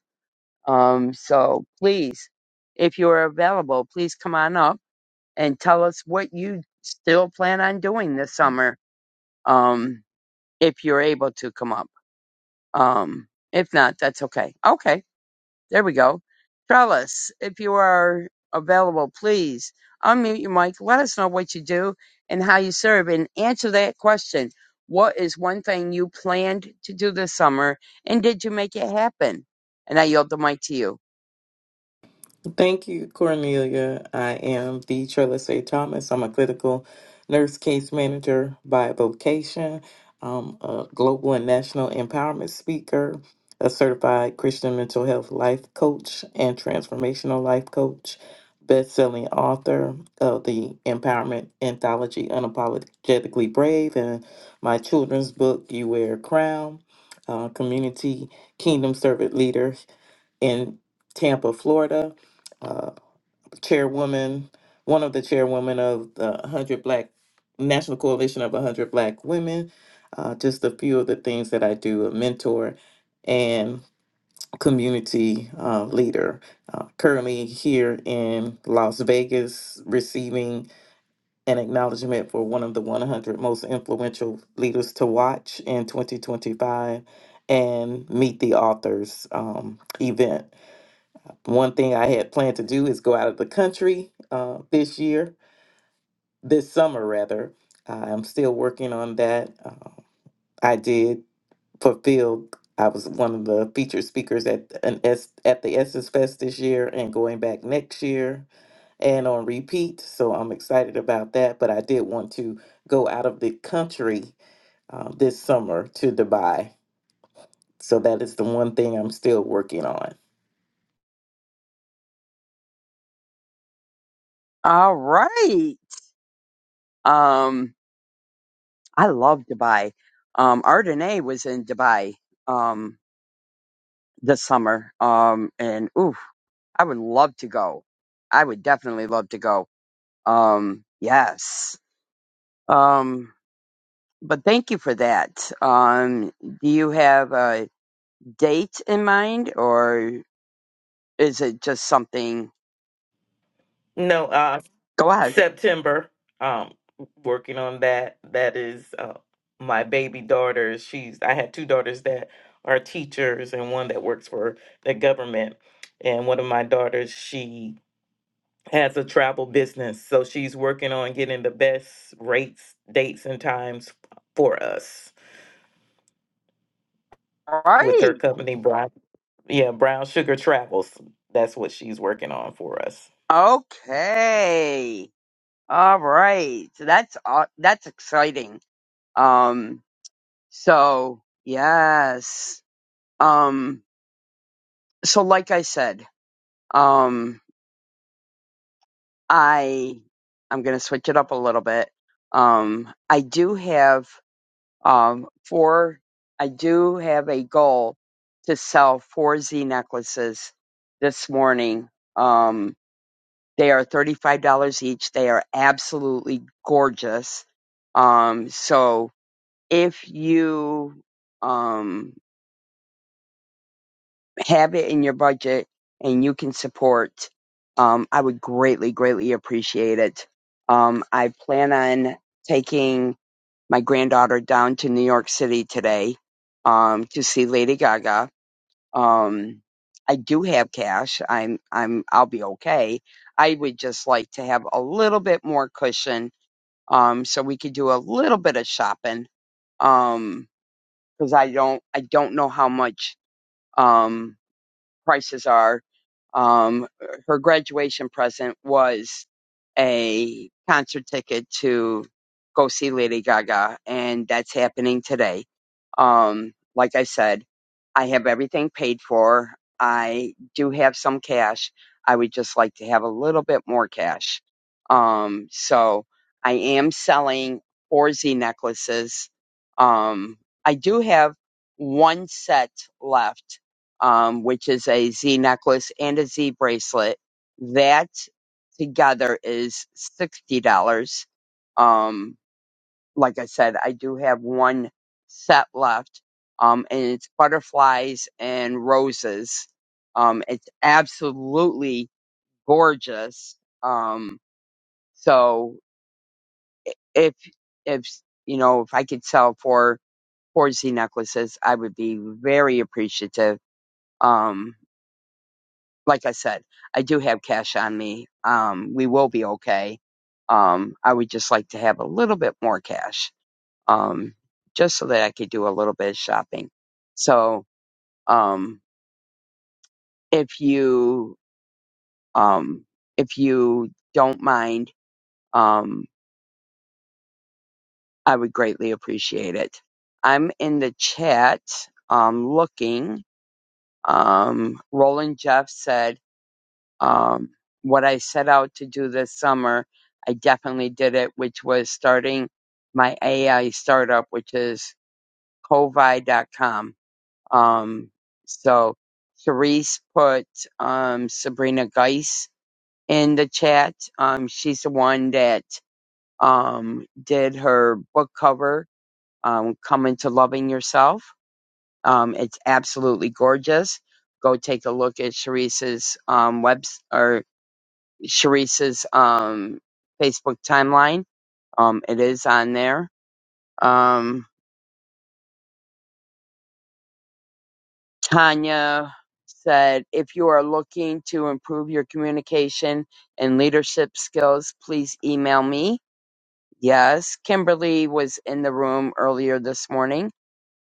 Um, so please, if you are available, please come on up and tell us what you still plan on doing this summer. Um, if you're able to come up. Um, if not, that's okay. Okay. There we go. Trellis, if you are available, please unmute your mic. Let us know what you do and how you serve and answer that question. What is one thing you planned to do this summer and did you make it happen? And I yield the mic to you.
Thank you, Cornelia. I am the Trellis A. Thomas. I'm a clinical nurse case manager by vocation. I'm a global and national empowerment speaker, a certified Christian mental health life coach and transformational life coach, best-selling author of the empowerment anthology Unapologetically Brave and my children's book You Wear a Crown, uh, community kingdom servant leader in Tampa, Florida. Uh, chairwoman, one of the chairwomen of the 100 Black National Coalition of 100 Black Women. Uh, just a few of the things that I do: a mentor and community uh, leader. Uh, currently here in Las Vegas, receiving an acknowledgement for one of the 100 most influential leaders to watch in 2025 and meet the authors um, event one thing I had planned to do is go out of the country uh, this year, this summer rather. Uh, I'm still working on that. Uh, I did fulfill. I was one of the featured speakers at an S, at the Essence Fest this year, and going back next year, and on repeat. So I'm excited about that. But I did want to go out of the country uh, this summer to Dubai. So that is the one thing I'm still working on.
All right. Um, I love Dubai. Um, Ardenay was in Dubai um, this summer, um, and ooh, I would love to go. I would definitely love to go. Um, yes. Um, but thank you for that. Um, do you have a date in mind, or is it just something?
No, uh,
Go ahead.
September. Um, working on that. That is uh, my baby daughter. She's I had two daughters that are teachers and one that works for the government. And one of my daughters, she has a travel business, so she's working on getting the best rates, dates, and times for us
All
with her
right.
company, Brown. Yeah, Brown Sugar Travels. That's what she's working on for us.
Okay. All right. So that's uh, that's exciting. Um, So yes. Um so like I said, um I I'm gonna switch it up a little bit. Um I do have um four I do have a goal to sell four Z necklaces this morning. Um they are thirty five dollars each. They are absolutely gorgeous. Um so if you um have it in your budget and you can support, um, I would greatly, greatly appreciate it. Um, I plan on taking my granddaughter down to New York City today um, to see Lady Gaga. Um, I do have cash. I'm, I'm, I'll be okay. I would just like to have a little bit more cushion, um, so we could do a little bit of shopping um because i don't i don't know how much um, prices are. Um, her graduation present was a concert ticket to go see Lady Gaga, and that's happening today. Um, like I said, I have everything paid for. I do have some cash. I would just like to have a little bit more cash. Um, so I am selling four Z necklaces. Um, I do have one set left um, which is a Z necklace and a Z bracelet. That together is sixty dollars. Um, like I said, I do have one set left, um, and it's butterflies and roses. Um, it's absolutely gorgeous. Um, so i- if if you know if I could sell for four Z necklaces, I would be very appreciative. Um, like I said, I do have cash on me. Um, we will be okay. Um, I would just like to have a little bit more cash, um, just so that I could do a little bit of shopping. So, um, if you, um, if you don't mind, um, I would greatly appreciate it. I'm in the chat, um, looking. Um, Roland Jeff said, Um, what I set out to do this summer, I definitely did it, which was starting my AI startup, which is covi.com. Um, so Therese put um, Sabrina Geis in the chat. Um, she's the one that um, did her book cover, um, Come Into Loving Yourself. Um, it's absolutely gorgeous. Go take a look at Therese's um, webs or Sharice's um, Facebook timeline. Um, it is on there. Um, Tanya said, if you are looking to improve your communication and leadership skills, please email me. Yes, Kimberly was in the room earlier this morning.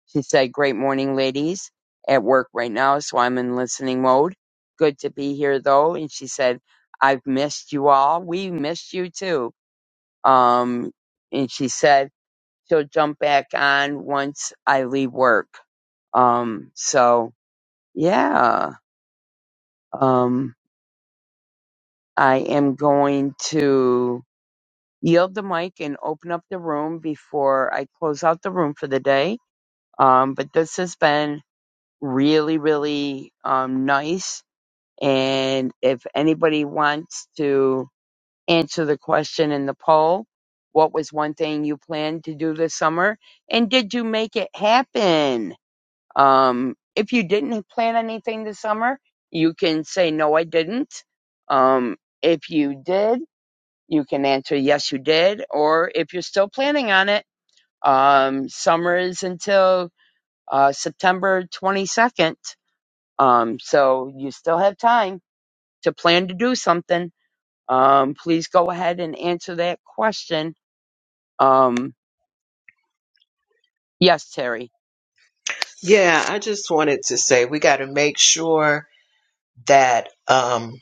She said, great morning, ladies. At work right now, so I'm in listening mode. Good to be here though. And she said, I've missed you all. We missed you too. Um, and she said, she'll jump back on once I leave work. Um, so yeah, um, I am going to yield the mic and open up the room before I close out the room for the day. Um, but this has been really, really um, nice. And if anybody wants to answer the question in the poll, what was one thing you planned to do this summer? And did you make it happen? Um, if you didn't plan anything this summer, you can say, no, I didn't. Um, if you did, you can answer, yes, you did. Or if you're still planning on it, um, summer is until uh, September 22nd. Um, so you still have time to plan to do something. Um, please go ahead and answer that question. Um, yes, Terry.
Yeah, I just wanted to say we got to make sure that um,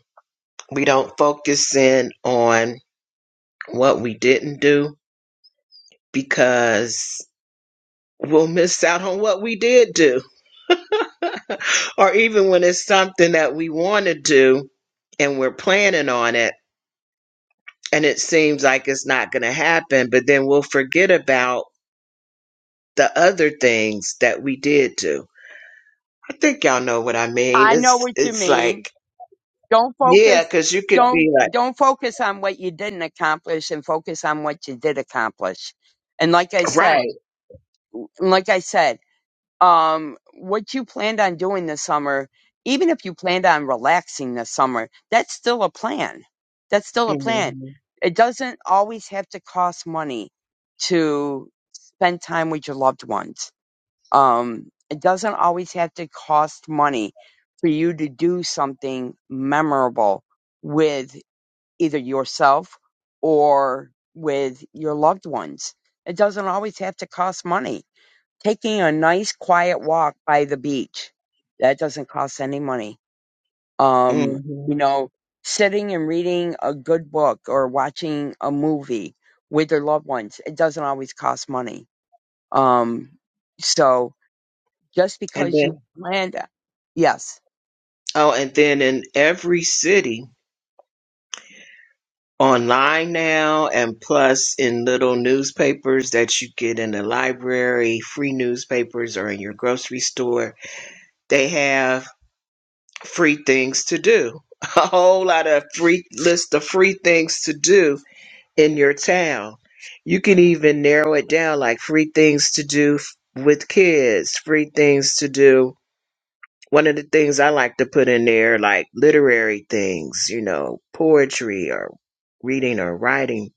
we don't focus in on what we didn't do because we'll miss out on what we did do. or even when it's something that we want to do and we're planning on it and it seems like it's not going to happen, but then we'll forget about the other things that we did do. I think y'all know what I mean.
I know
It's
what you
it's
mean.
like
Don't
yeah,
focus.
because you could
Don't
be like
don't focus on what you didn't accomplish, and focus on what you did accomplish. And like I said,
right,
and like I said, um, what you planned on doing this summer, even if you planned on relaxing this summer, that's still a plan. That's still a plan.
hmm
It doesn't always have to cost money to spend time with your loved ones um, it doesn't always have to cost money for you to do something memorable with either yourself or with your loved ones. It doesn't always have to cost money. Taking a nice quiet walk by the beach, that doesn't cost any money. Um,
hmm
you know, sitting and reading a good book or watching a movie with your loved ones, it doesn't always cost money. Um, so, just
and
because you
then
planned it. Yes.
oh, and then in every city. online now and plus in little newspapers that you get in the library, free newspapers or in your grocery store. They have free things to do. A whole lot of free list of free things to do in your town. You can even narrow it down like free things to do f- with kids, free things to do. One of the things I like to put in there like literary things, you know, poetry or reading or writing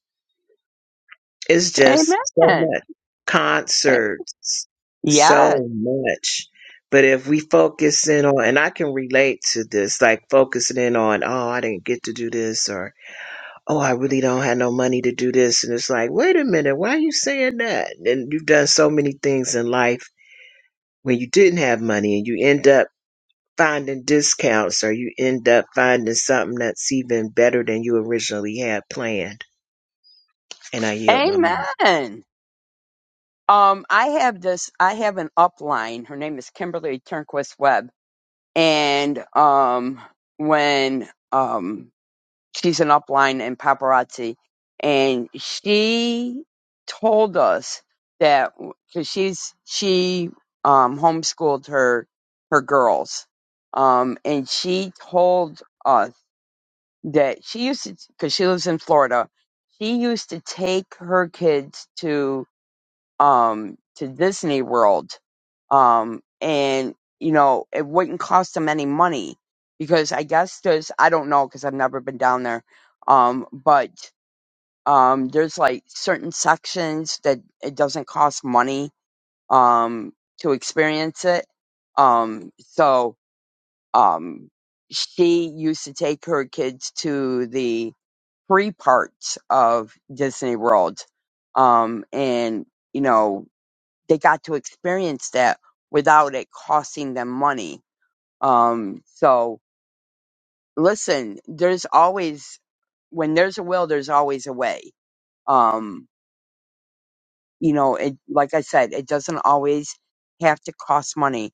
It's just so
Amen.
much
A-
concerts,
Yes.
so much. But if we focus in on, and I can relate to this, like focusing in on, oh, I didn't get to do this, or oh, I really don't have no money to do this, and it's like, wait a minute, why are you saying that? And you've done so many things in life when you didn't have money, and you end up finding discounts, or you end up finding something that's even better than you originally had planned. And I yield my mind.
Amen. Um, I have this, I have an upline. Her name is Kimberly Turnquist Webb. And, um, when, um, she's an upline in paparazzi and she told us that cause she's, she, um, homeschooled her, her girls. Um, and she told us. that she used to because she lives in Florida. She used to take her kids to um to Disney World, um, and you know it wouldn't cost them any money because I guess there's I don't know because I've never been down there, um, but um, there's like certain sections that it doesn't cost money um to experience it, um, so um she used to take her kids to the three parts of Disney World. Um, and, you know, they got to experience that without it costing them money. Um, so listen, there's always, when there's a will, there's always a way. Um, you know, it, like I said, it doesn't always have to cost money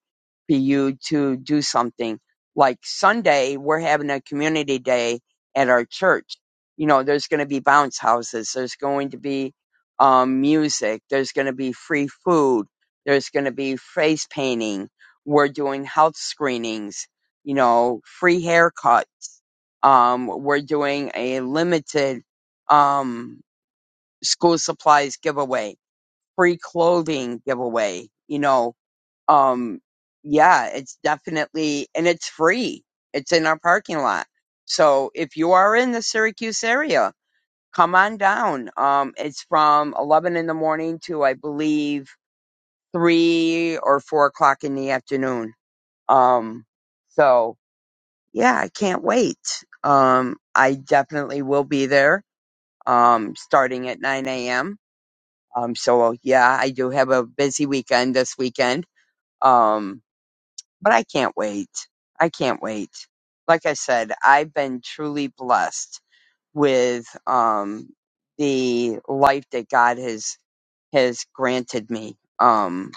for you to do something. Like Sunday, we're having a community day at our church. You know, there's going to be bounce houses. There's going to be um, music. There's going to be free food. There's going to be face painting. We're doing health screenings. You know, free haircuts. Um, we're doing a limited um, school supplies giveaway free clothing giveaway, you know. Um, yeah, it's definitely, and it's free. It's in our parking lot. So if you are in the Syracuse area, come on down. Um, it's from 11 in the morning to, I believe, three or four o'clock in the afternoon. Um, so yeah, I can't wait. Um, I definitely will be there, um, starting at 9 a.m. Um, so yeah, I do have a busy weekend this weekend Um, but I can't wait. I can't wait. Like I said, I've been truly blessed with um, the life that God has has granted me um,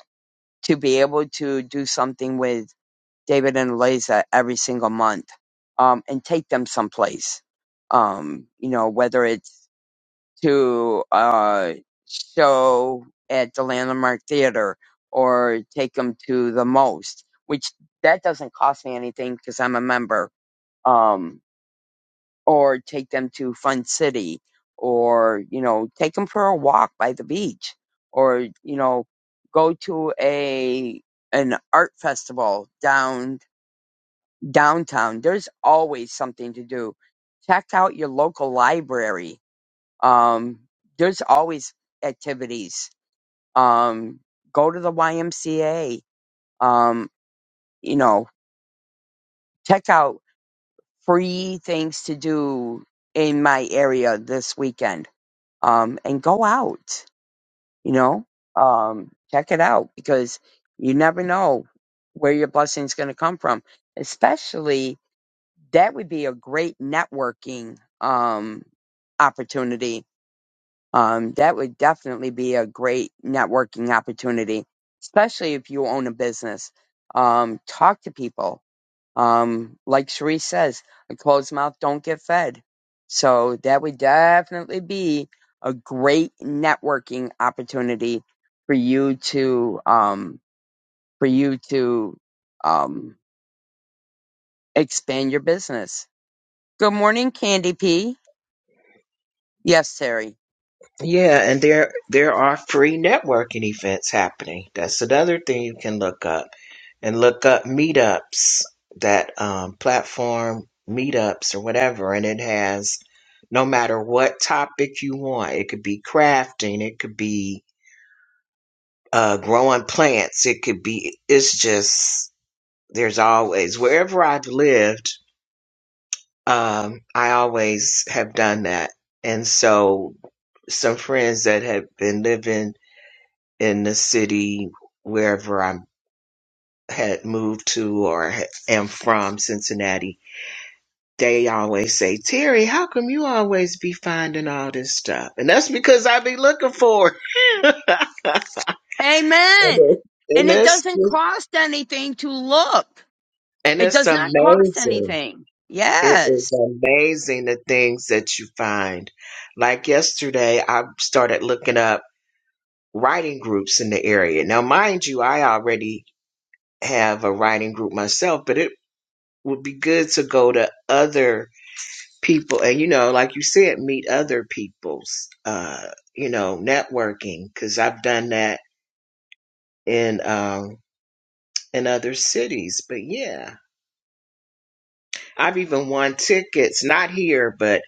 to be able to do something with David and Eliza every single month um, and take them someplace. Um, you know, whether it's to uh, show at the Landmark Theater or take them to the most, which that doesn't cost me anything because I'm a member. Um, or take them to Fun City, or you know, take them for a walk by the beach, or you know, go to a an art festival down downtown. There's always something to do. Check out your local library um, there's always activities. Um, go to the YMCA. Um, you know, check out free things to do in my area this weekend. Um, and go out, you know, um, check it out because you never know where your blessing's going to come from. Especially that would be a great networking, um, opportunity um, that would definitely be a great networking opportunity, especially if you own a business. Um, talk to people. Um, like Cherie says, a closed mouth don't get fed. So that would definitely be a great networking opportunity for you to um, for you to um, expand your business. Good morning, Candy P. Yes, Terry.
Yeah, and there there are free networking events happening. That's another thing you can look up and look up meetups that um, platform meetups or whatever, and it has no matter what topic you want. It could be crafting, it could be uh, growing plants, it could be. It's just there's always wherever I've lived, um, I always have done that, and so some friends that have been living in the city wherever I had moved to or ha- am from, Cincinnati, they always say, Terry, how come you always be finding all this stuff? And that's because I be looking for it. and
Amen. And it
it's
doesn't cost anything to look.
and
It
it's
does not cost
amazing.
anything.
It is
Yes.
amazing the things that you find. Like yesterday, I started looking up writing groups in the area. Now, mind you, I already have a writing group myself, but it would be good to go to other people and you know like you said meet other people's uh you know networking because i've done that in um in other cities but yeah i've even won tickets not here but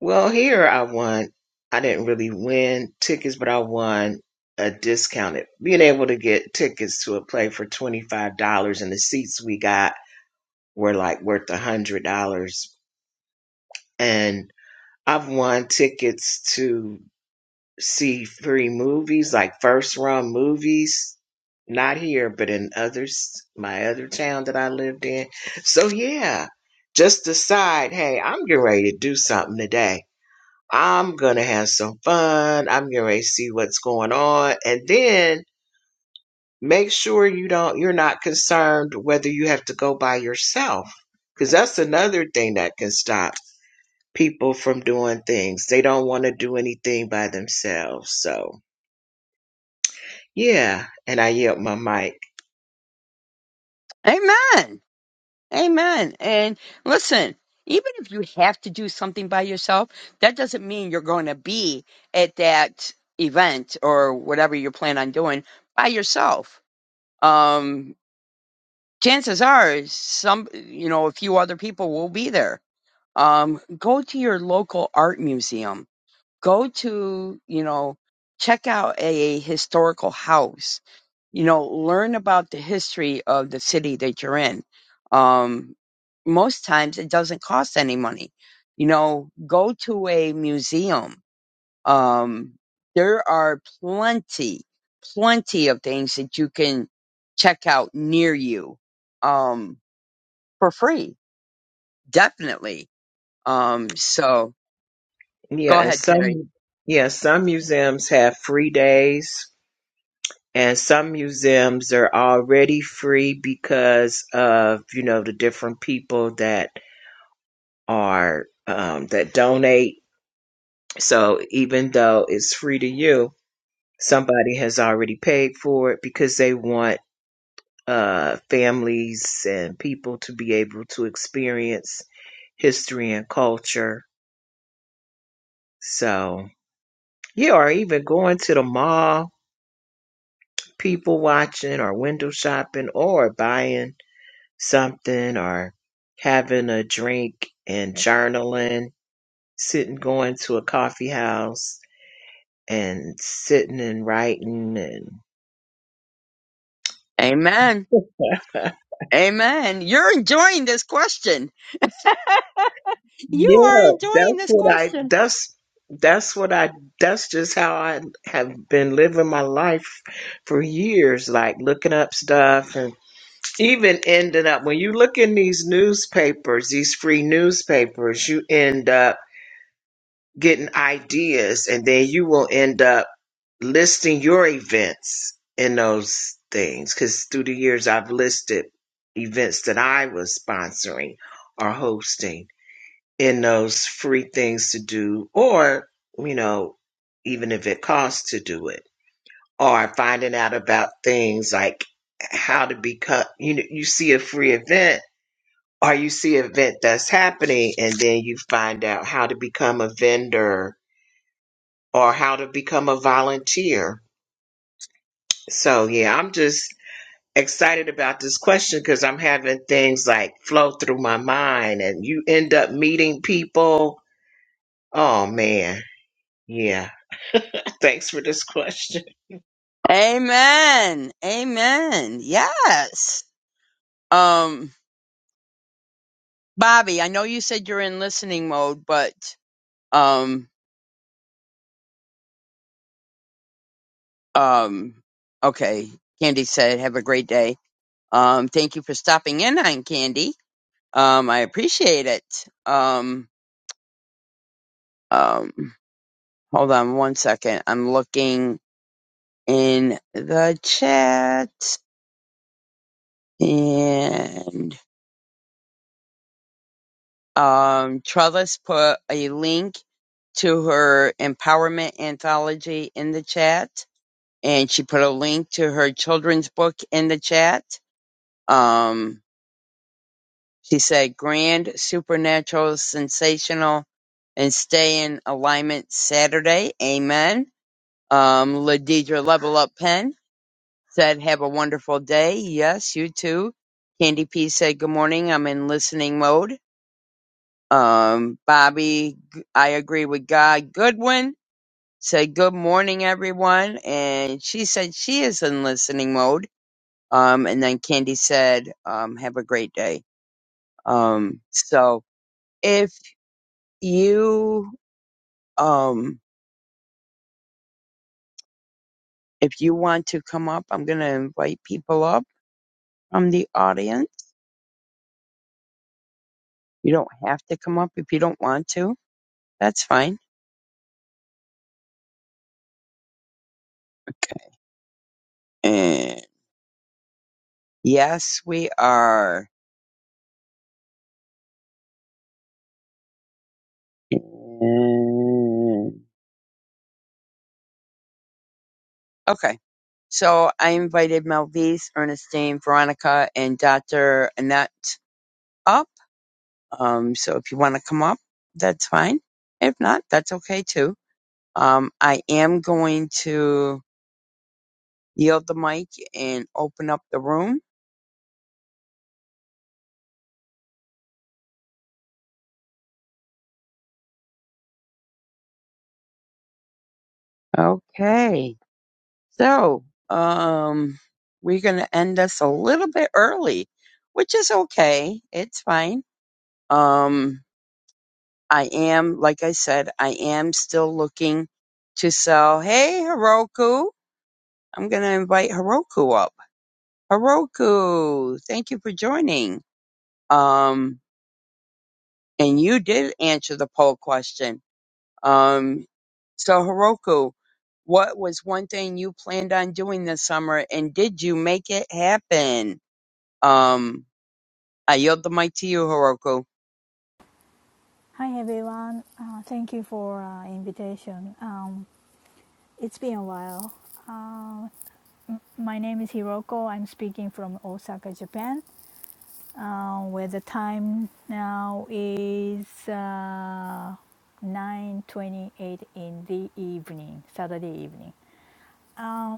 well here i won i didn't really win tickets but i won a discounted being able to get tickets to a play for $25 and the seats we got were like worth a hundred dollars and I've won tickets to see free movies, like first run movies, not here, but in others, my other town that I lived in. So yeah, just decide, hey, I'm getting ready to do something today. I'm gonna have some fun. I'm getting ready to see what's going on, and then make sure you don't, you're not concerned whether you have to go by yourself, because that's another thing that can stop people from doing things. They don't want to do anything by themselves. So yeah, and I yield my mic.
Amen. Amen. And listen, even if you have to do something by yourself, that doesn't mean you're going to be at that event or whatever you plan on doing by yourself. Um, chances are some, you know, a few other people will be there. Um, go to your local art museum go to, you know, check out a historical house, you know, learn about the history of the city that you're in. Um, most times it doesn't cost any money. You know, go to a museum. Um, there are plenty, plenty of things that you can check out near you um, for free, definitely. Um, so
Yeah,
go
and
ahead, Terry.
some yeah, some museums have free days and some museums are already free because of, you know, the different people that are um that donate. So even though it's free to you, somebody has already paid for it because they want uh, families and people to be able to experience history and culture. So, yeah, or even going to the mall, people watching, or window shopping, or buying something, or having a drink and journaling, sitting, going to a coffee house and sitting and writing and.
Amen. Amen. You're enjoying this question. You are enjoying
That's
this
what I.
question.
That's that's what I. That's just how I have been living my life for years. Like looking up stuff and even ending up when you look in these newspapers, these free newspapers, you end up getting ideas, and then you will end up listing your events in those things. Because through the years, I've listed events that I was sponsoring or hosting in those free things to do, or, you know, even if it costs to do it, or finding out about things like how to become, you know, you see a free event or you see an event that's happening and then you find out how to become a vendor or how to become a volunteer. So, yeah, I'm just excited about this question because I'm having things like flow through my mind and you end up meeting people. Oh, man. yeah. Thanks for this question.
Amen. Amen. Yes. Um, Bobby, I know you said you're in listening mode, but um, um, okay. Candy said, "Have a great day." Um, thank you for stopping in on Candy. Um, I appreciate it. Um, um, hold on one second. I'm looking in the chat and. um, Trellis put a link to her empowerment anthology in the chat, and she put a link to her children's book in the chat. Um, she said, "Grand, supernatural, sensational, and stay in alignment Saturday." Amen. Um, Ladidra Level Up Pen said, "Have a wonderful day." Yes, you too. Candy P said, "Good morning. I'm in listening mode." Um, Bobby, I agree with God. Goodwin said, good morning, everyone. And she said she is in listening mode. Um, and then Candy said, um, have a great day. Um, so if you, um, if you want to come up, I'm going to invite people up from the audience. You don't have to come up if you don't want to. That's fine. Okay. And yes, we are. Okay. So I invited Melvise, Ernestine, Veronica, and Dr. Annette up. Um, so if you want to come up, that's fine. If not, that's okay too. Um, I am going to yield the mic and open up the room. Okay. So, um, we're going to end us a little bit early, which is okay. It's fine. Um, I am, like I said, I am still looking to sell. Hey, Heroku. I'm going to invite Heroku up. Heroku, thank you for joining. Um, and you did answer the poll question. Um, so Heroku, what was one thing you planned on doing this summer and did you make it happen? Um, I yield the mic to you, Heroku.
Hi everyone. Uh, thank you for uh, invitation. Um, it's been a while. Uh, my name is Hiroko. I'm speaking from Osaka, Japan, uh, where the time now is uh, 9:28 in the evening, Saturday evening. Uh,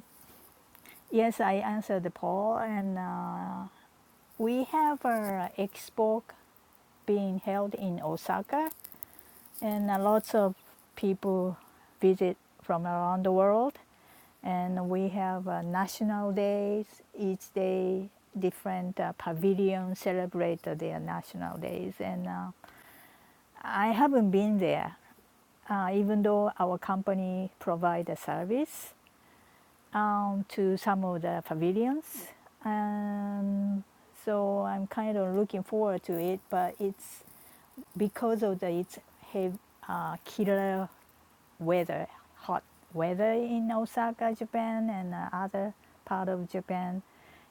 yes, I answered the poll, and uh, we have a expo being held in Osaka and uh, lots of people visit from around the world and we have uh, national days each day different uh, pavilions celebrate their national days and uh, i haven't been there uh, even though our company provides a service um, to some of the pavilions and so i'm kind of looking forward to it but it's because of the it's have uh, killer weather, hot weather in Osaka, Japan, and uh, other part of Japan.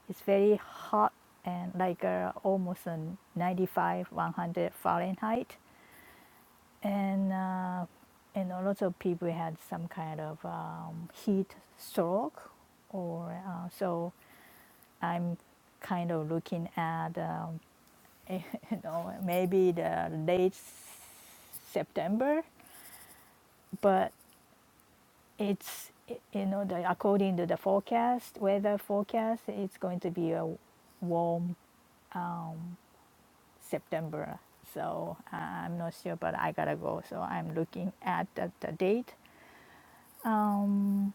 It's very hot and like uh, almost uh, 95, 100 Fahrenheit, and uh, and lots of people had some kind of um, heat stroke, or uh, so I'm kind of looking at um, you know maybe the late September, but it's you know the according to the forecast weather forecast it's going to be a warm september so uh, i'm not sure but i gotta go so i'm looking at the, the date um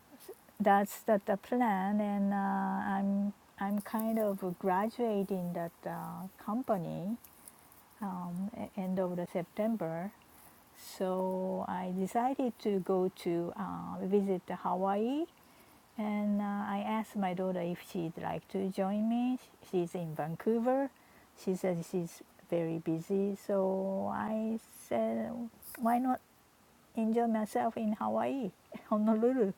that's the, the plan and uh, i'm i'm kind of graduating that uh, company um, e- end of the september so i decided to go to uh, visit hawaii And uh, I asked my daughter if she'd like to join me. She's in Vancouver. She said she's very busy. So I said, why not enjoy myself in Hawaii, Honolulu?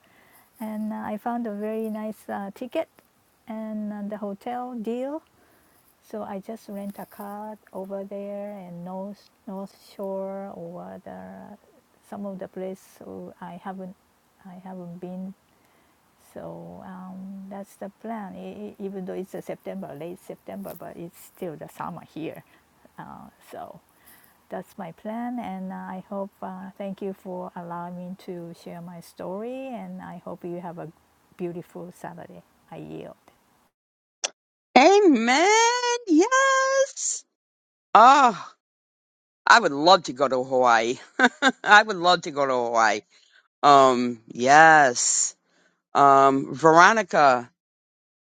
And uh, I found a very nice uh, ticket and uh, the hotel deal. So I just rent a car over there and North, North Shore or the, some of the places I haven't I haven't been so um, that's the plan. E- e- even though it's a September, late September, but it's still the summer here. Uh, so that's my plan, and uh, I hope. Uh, thank you for allowing me to share my story, and I hope you have a beautiful Saturday. I yield.
Amen. Yes. Ah. I would love to go to Hawaii. I would love to go to Hawaii. Um, yes. Um, Veronica,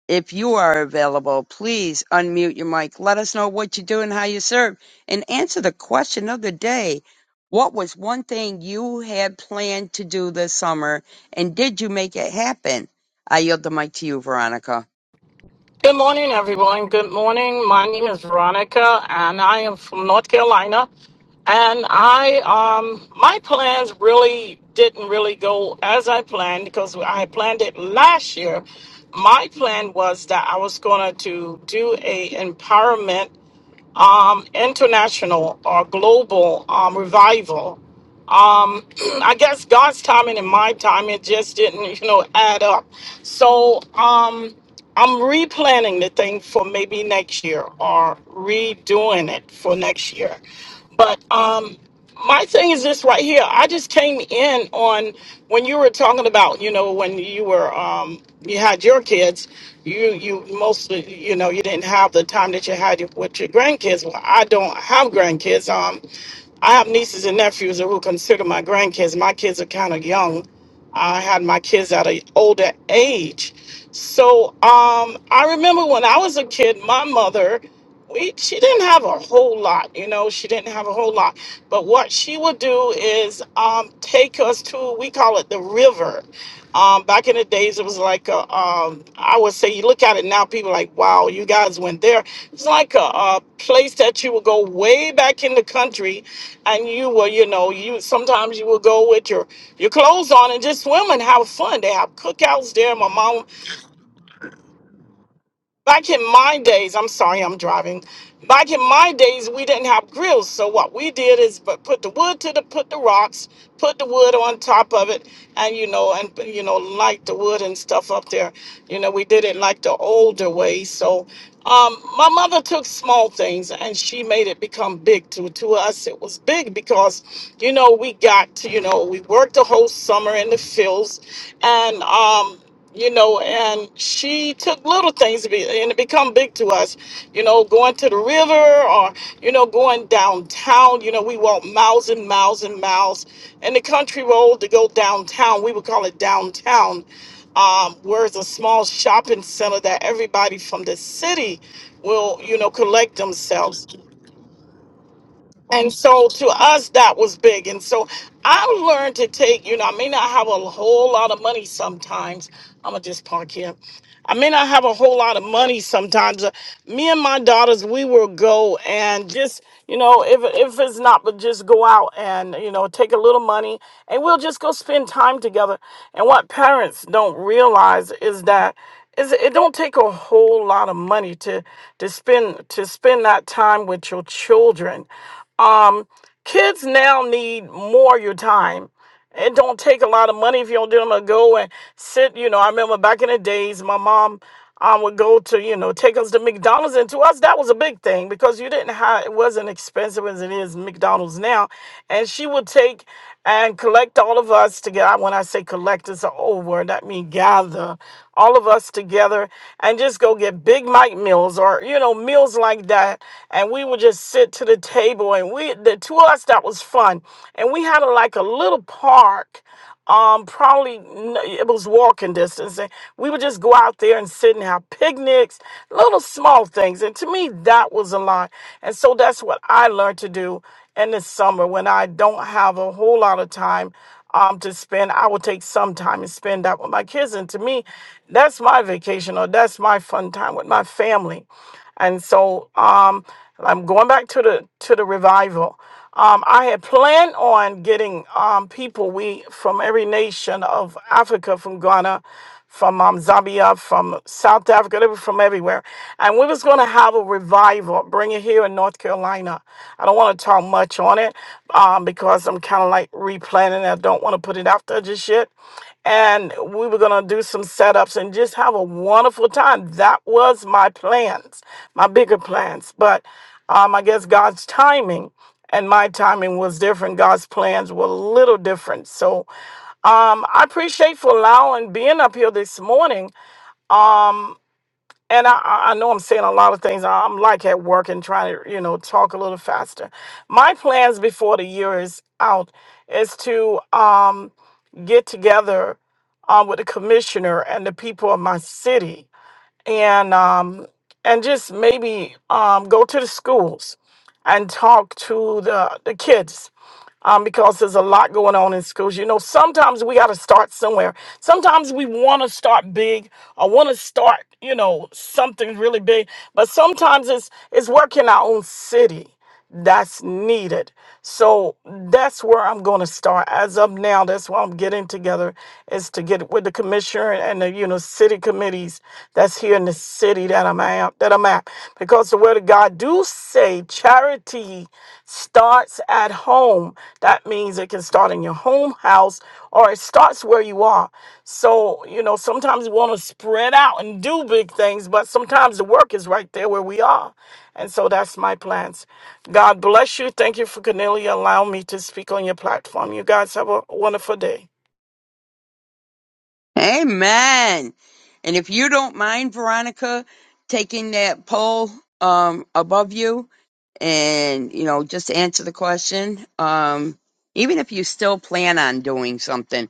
if you are available, please unmute your mic. Let us know what you do and how you serve and answer the question of the day. What was one thing you had planned to do this summer and did you make it happen? I yield the mic to you, Veronica.
Good morning, everyone. Good morning. My name is Veronica, and I am from North Carolina. And I, um, my plans really didn't really go as I planned because I planned it last year. My plan was that I was going to do a empowerment, um, international or global um, revival um, I guess God's timing and my time it just didn't, you know, add up. So um, I'm replanning the thing for maybe next year or redoing it for next year. But um, my thing is this right here. I just came in on when you were talking about, you know, when you were um, you had your kids, you you mostly, you know, you didn't have the time that you had with your grandkids. Well, I don't have grandkids. Um, I have nieces and nephews who are considered my grandkids. My kids are kind of young. I had my kids at an older age. So um, I remember when I was a kid, my mother, we, she didn't have a whole lot, you know, she didn't have a whole lot. But what she would do is um, take us to, we call it the river. Um, back in the days, it was like a, um, I would say, you look at it now, people are like, wow, you guys went there. It's like a, a place that you would go way back in the country, and you were, you know, you sometimes you would go with your your clothes on and just swim and have fun. They have cookouts there. My mom Back in my days, I'm sorry, I'm driving. Back in my days, we didn't have grills, so what we did is but put the wood to the put the rocks, put the wood on top of it, and you know, and you know, light the wood and stuff up there. You know, we did it like the older way. So, um, my mother took small things and she made it become big. To to us, it was big because, you know, we got to, you know, we worked the whole summer in the fields, and um you know, and she took little things to be, and it become big to us, you know, going to the river or, you know, going downtown, you know, we walk miles and miles and miles and the country road to go downtown. We would call it downtown. Um, where it's a small shopping center that everybody from the city will, you know, collect themselves. And so to us, that was big. And so I learned to take, you know, I may not have a whole lot of money sometimes. I'm going to just park here. I may not have a whole lot of money sometimes. Uh, Me and my daughters, we will go and just, you know, if, if it's not, but just go out and, you know, take a little money and we'll just go spend time together. And what parents don't realize is that is it don't take a whole lot of money to to spend to spend that time with your children um kids now need more your time it don't take a lot of money if you don't do them to go and sit you know i remember back in the days my mom um, would go to you know take us to mcdonald's and to us that was a big thing because you didn't have it wasn't expensive as it is mcdonald's now and she would take and collect all of us together. When I say collect, it's an old word. That means gather all of us together and just go get Big Mike meals or, you know, meals like that. And we would just sit to the table and we, the two of us, that was fun. And we had a, like a little park um probably n- it was walking distance and we would just go out there and sit and have picnics little small things and to me that was a lot and so that's what i learned to do in the summer when I don't have a whole lot of time um, to spend, I will take some time and spend that with my kids. And to me, that's my vacation or that's my fun time with my family. And so um, I'm going back to the to the revival. Um, I had planned on getting um, people we from every nation of Africa, from Ghana, from um, Zambia, from South Africa, they were from everywhere. And we was going to have a revival, bring it here in North Carolina. I don't want to talk much on it um, because I'm kind of like replanning. I don't want to put it out there just yet. And we were going to do some setups and just have a wonderful time. That was my plans, my bigger plans. But um, I guess God's timing and my timing was different. God's plans were a little different. So um, I appreciate for allowing being up here this morning. Um, and I, I I know I'm saying a lot of things. I'm like at work and trying to, you know, talk a little faster. My plans before the year is out is to um, get together um, with the commissioner and the people of my city, and um, and just maybe um, go to the schools and talk to the the kids um, because there's a lot going on in schools. You know, sometimes we got to start somewhere. Sometimes we want to start big or want to start, you know, something really big, but sometimes it's it's work in our own city that's needed. So that's where I'm going to start. As of now, that's why I'm getting together is to get with the commissioner and the you know city committees that's here in the city that I'm at am that I'm at. Because the word of God do say charity starts at home. That means it can start in your home house or it starts where you are. So, you know, sometimes we want to spread out and do big things, but sometimes the work is right there where we are. And so that's my plans. God bless you. Thank you for Cornelia allowing me to speak on your platform. You guys have a wonderful day.
Amen. And if you don't mind, Veronica, taking that poll um, above you, and you know just to answer the question um even if you still plan on doing something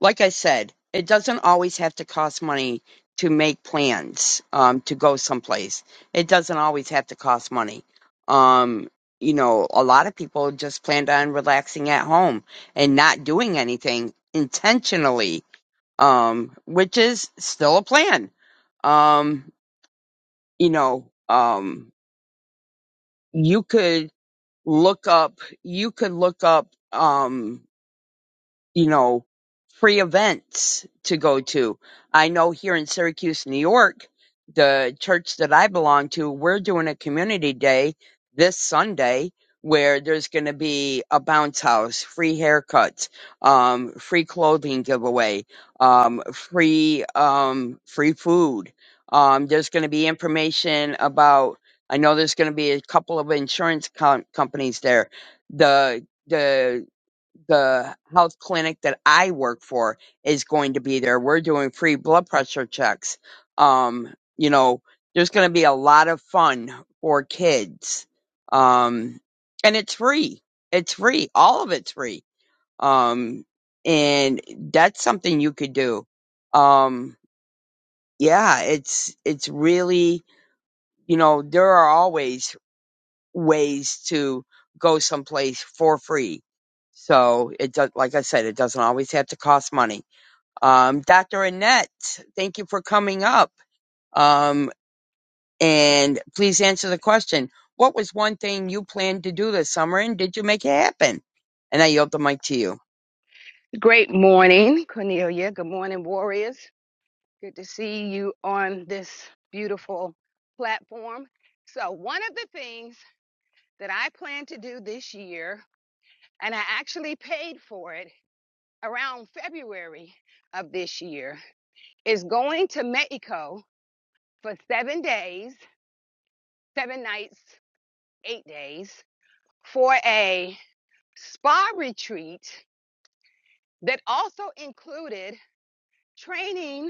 like i said it doesn't always have to cost money to make plans um to go someplace it doesn't always have to cost money um you know a lot of people just planned on relaxing at home and not doing anything intentionally um which is still a plan um you know um you could look up you could look up um you know, free events to go to. I know here in Syracuse, New York, the church that I belong to, we're doing a community day this Sunday where there's going to be a bounce house, free haircuts, um, free clothing giveaway, um, free, um, free food. Um, there's going to be information about, I know there's going to be a couple of insurance com- companies there. The, the the health clinic that I work for is going to be there. We're doing free blood pressure checks. Um, you know, there's going to be a lot of fun for kids. Um, and it's free. It's free. All of it's free. Um, and that's something you could do. Um, yeah, it's, it's really, you know, there are always ways to go someplace for free. So it does, like I said, it doesn't always have to cost money. Um, Dr. Annette, thank you for coming up. Um, and please answer the question. What was one thing you planned to do this summer and did you make it happen? And I yield the mic to you.
Great morning, Cornelia. Good morning, warriors. Good to see you on this beautiful platform. So, one of the things that I plan to do this year, and I actually paid for it around February of this year, is going to Mexico for seven days, seven nights, eight days for a spa retreat that also included training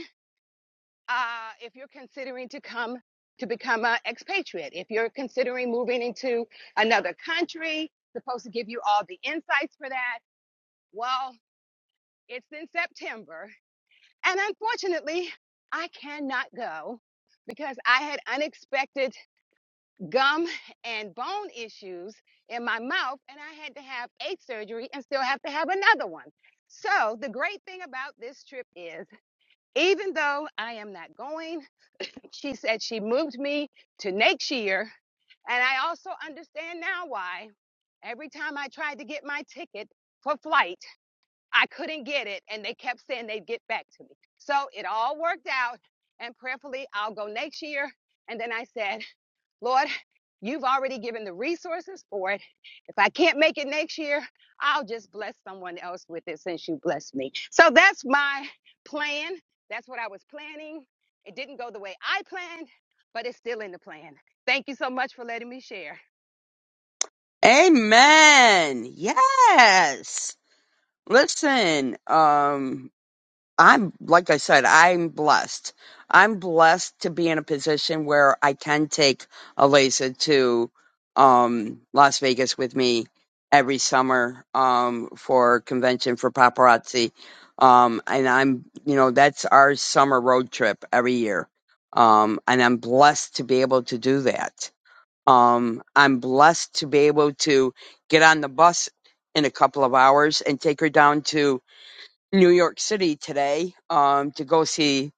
uh, if you're considering to come to become an expatriate, if you're considering moving into another country, supposed to give you all the insights for that. Well, it's in September, and unfortunately, I cannot go because I had unexpected gum and bone issues in my mouth, and I had to have eight surgery and still have to have another one. So, the great thing about this trip is, even though I am not going, She said she moved me to next year. And I also understand now why every time I tried to get my ticket for flight, I couldn't get it. And they kept saying they'd get back to me. So it all worked out. And prayerfully, I'll go next year. And then I said, Lord, you've already given the resources for it. If I can't make it next year, I'll just bless someone else with it since you blessed me. So that's my plan. That's what I was planning. It didn't go the way I planned, but it's still in the plan. Thank you so much for letting me share.
Amen. Yes. Listen, um, I'm like I said, I'm blessed. I'm blessed to be in a position where I can take Alisa to um, Las Vegas with me every summer um, for convention for paparazzi, um, and I'm you know that's our summer road trip every year, um, and I'm blessed to be able to do that. Um, I'm blessed to be able to get on the bus in a couple of hours and take her down to New York City today um, to go see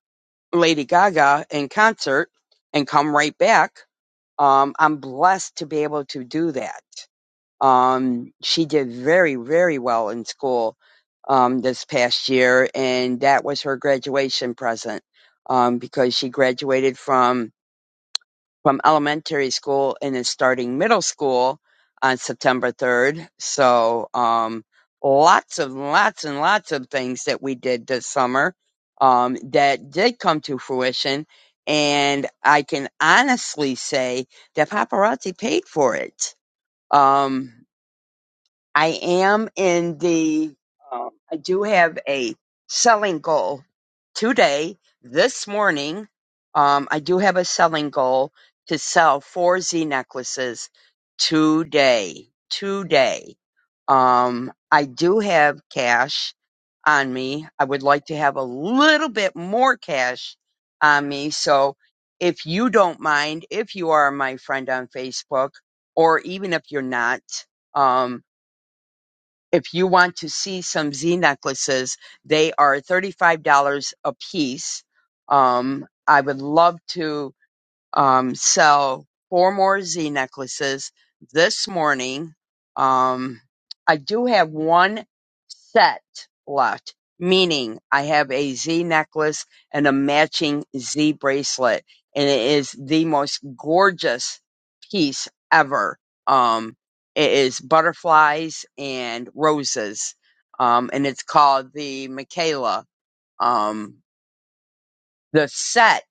Lady Gaga in concert and come right back. Um, I'm blessed to be able to do that. Um, she did very, very well in school um, this past year, and that was her graduation present um, because she graduated from from elementary school and is starting middle school on September 3rd. So, um, lots of lots and lots of things that we did this summer, um, that did come to fruition. And I can honestly say that paparazzi paid for it. Um, I am in the, um, I do have a selling goal today, this morning. Um, I do have a selling goal to sell four Z necklaces today, today. Um, I do have cash on me. I would like to have a little bit more cash on me. So if you don't mind, if you are my friend on Facebook, or even if you're not, um, if you want to see some Z necklaces, they are $35 a piece. Um, I would love to um, sell four more Z necklaces this morning. Um, I do have one set left, meaning I have a Z necklace and a matching Z bracelet, and it is the most gorgeous piece ever. Um, it is butterflies and roses, um, and it's called the Michaela. Um, the set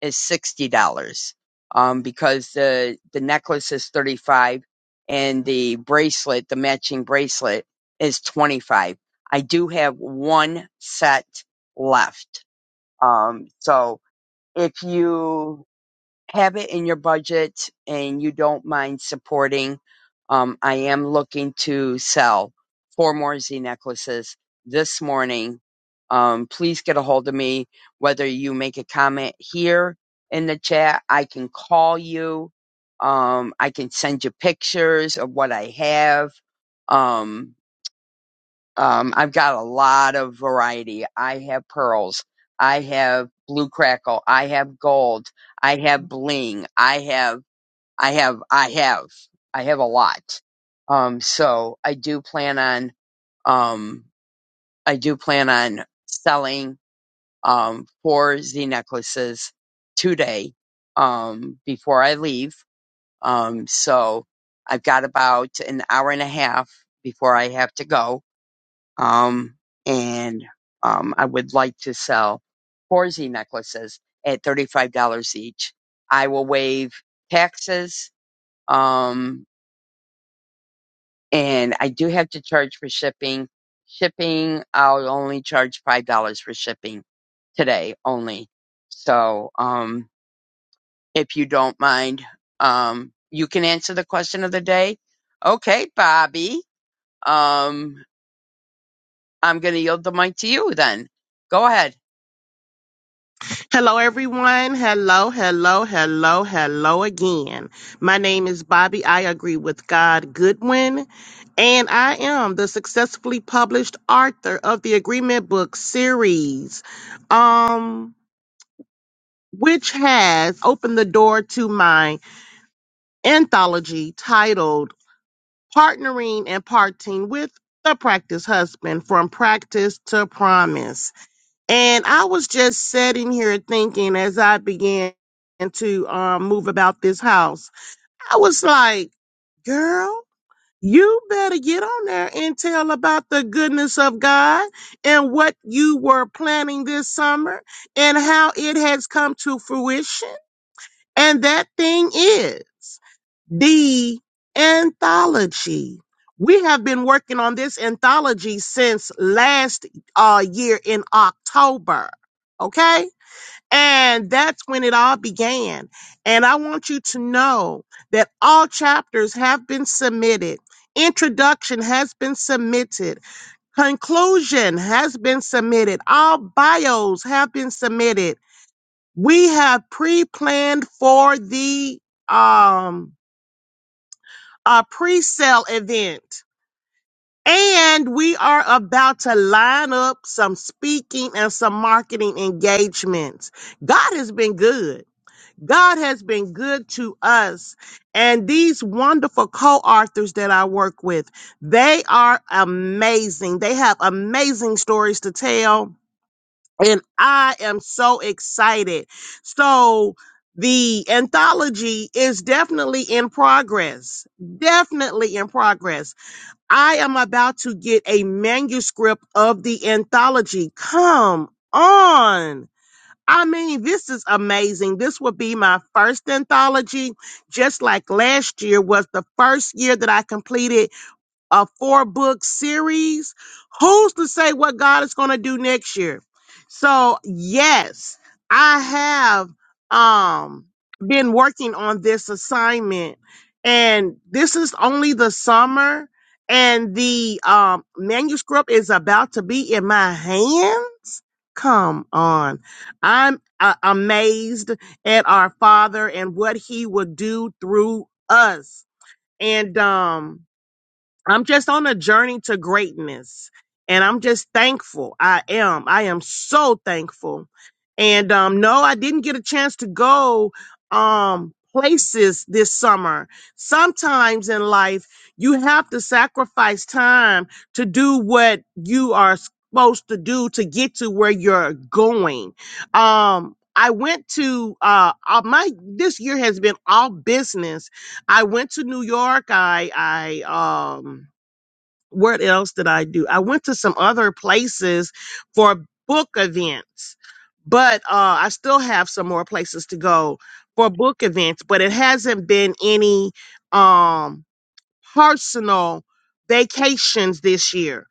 is sixty dollars, um, because the the necklace is thirty five, and the bracelet, the matching bracelet, is twenty five. I do have one set left, um, so if you have it in your budget and you don't mind supporting, um, I am looking to sell four more Z necklaces this morning. Um, please get a hold of me, whether you make a comment here in the chat, I can call you. Um, I can send you pictures of what I have. Um, um, I've got a lot of variety. I have pearls. I have blue crackle. I have gold. I have bling. I have, I have, I have, I have a lot. Um, so I do plan on, um, I do plan on selling, um, four Z necklaces today, um, before I leave. Um, so I've got about an hour and a half before I have to go um, and um, I would like to sell Horsey necklaces at thirty-five dollars each. I will waive taxes, um, and I do have to charge for shipping. Shipping, I'll only charge five dollars for shipping today only. So, um, if you don't mind, um, you can answer the question of the day. Okay, Bobby. Um, I'm going to yield the mic to you then. Go ahead.
Hello, everyone. Hello, hello, hello, hello again. My name is Bobby. I agree with God Goodwin, and I am the successfully published author of the Agreement Book series, um, which has opened the door to my anthology titled Partnering and Parting with the Practice Husband From Practice to Promise. And I was just sitting here thinking as I began to um, move about this house, I was like, girl, you better get on there and tell about the goodness of God and what you were planning this summer and how it has come to fruition. And that thing is the anthology. We have been working on this anthology since last uh, year in October. Okay. And that's when it all began. And I want you to know that all chapters have been submitted. Introduction has been submitted. Conclusion has been submitted. All bios have been submitted. We have pre planned for the um, a pre-sale event. And we are about to line up some speaking and some marketing engagements. God has been good. God has been good to us. And these wonderful co-authors that I work with, they are amazing. They have amazing stories to tell. And I am so excited. So the anthology is definitely in progress. Definitely in progress I am about to get a manuscript of the anthology. Come on. I mean, this is amazing. This will be my first anthology, just like last year was the first year that I completed a four book series. Who's to say what God is going to do next year? So, yes, I have um been working on this assignment and this is only the summer and the um manuscript is about to be in my hands. Come on. I'm uh, amazed at our Father and what he would do through us. And um I'm just on a journey to greatness and I'm just thankful. I am. I am so thankful. And um no, I didn't get a chance to go um places this summer. Sometimes in life you have to sacrifice time to do what you are supposed to do to get to where you're going. Um I went to uh uh, my this year has been all business. I went to New York. I I um what else did I do? I went to some other places for book events, but uh, I still have some more places to go for book events, but it hasn't been any um, personal vacations this year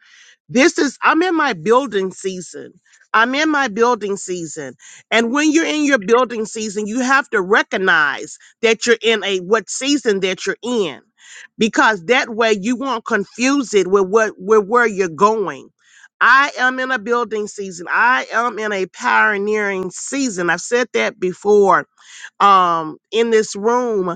this is, I'm in my building season. I'm in my building season. And when you're in your building season, you have to recognize that you're in a what season that you're in. Because that way you won't confuse it with what with where you're going. I am in a building season. I am in a pioneering season. I've said that before um in this room.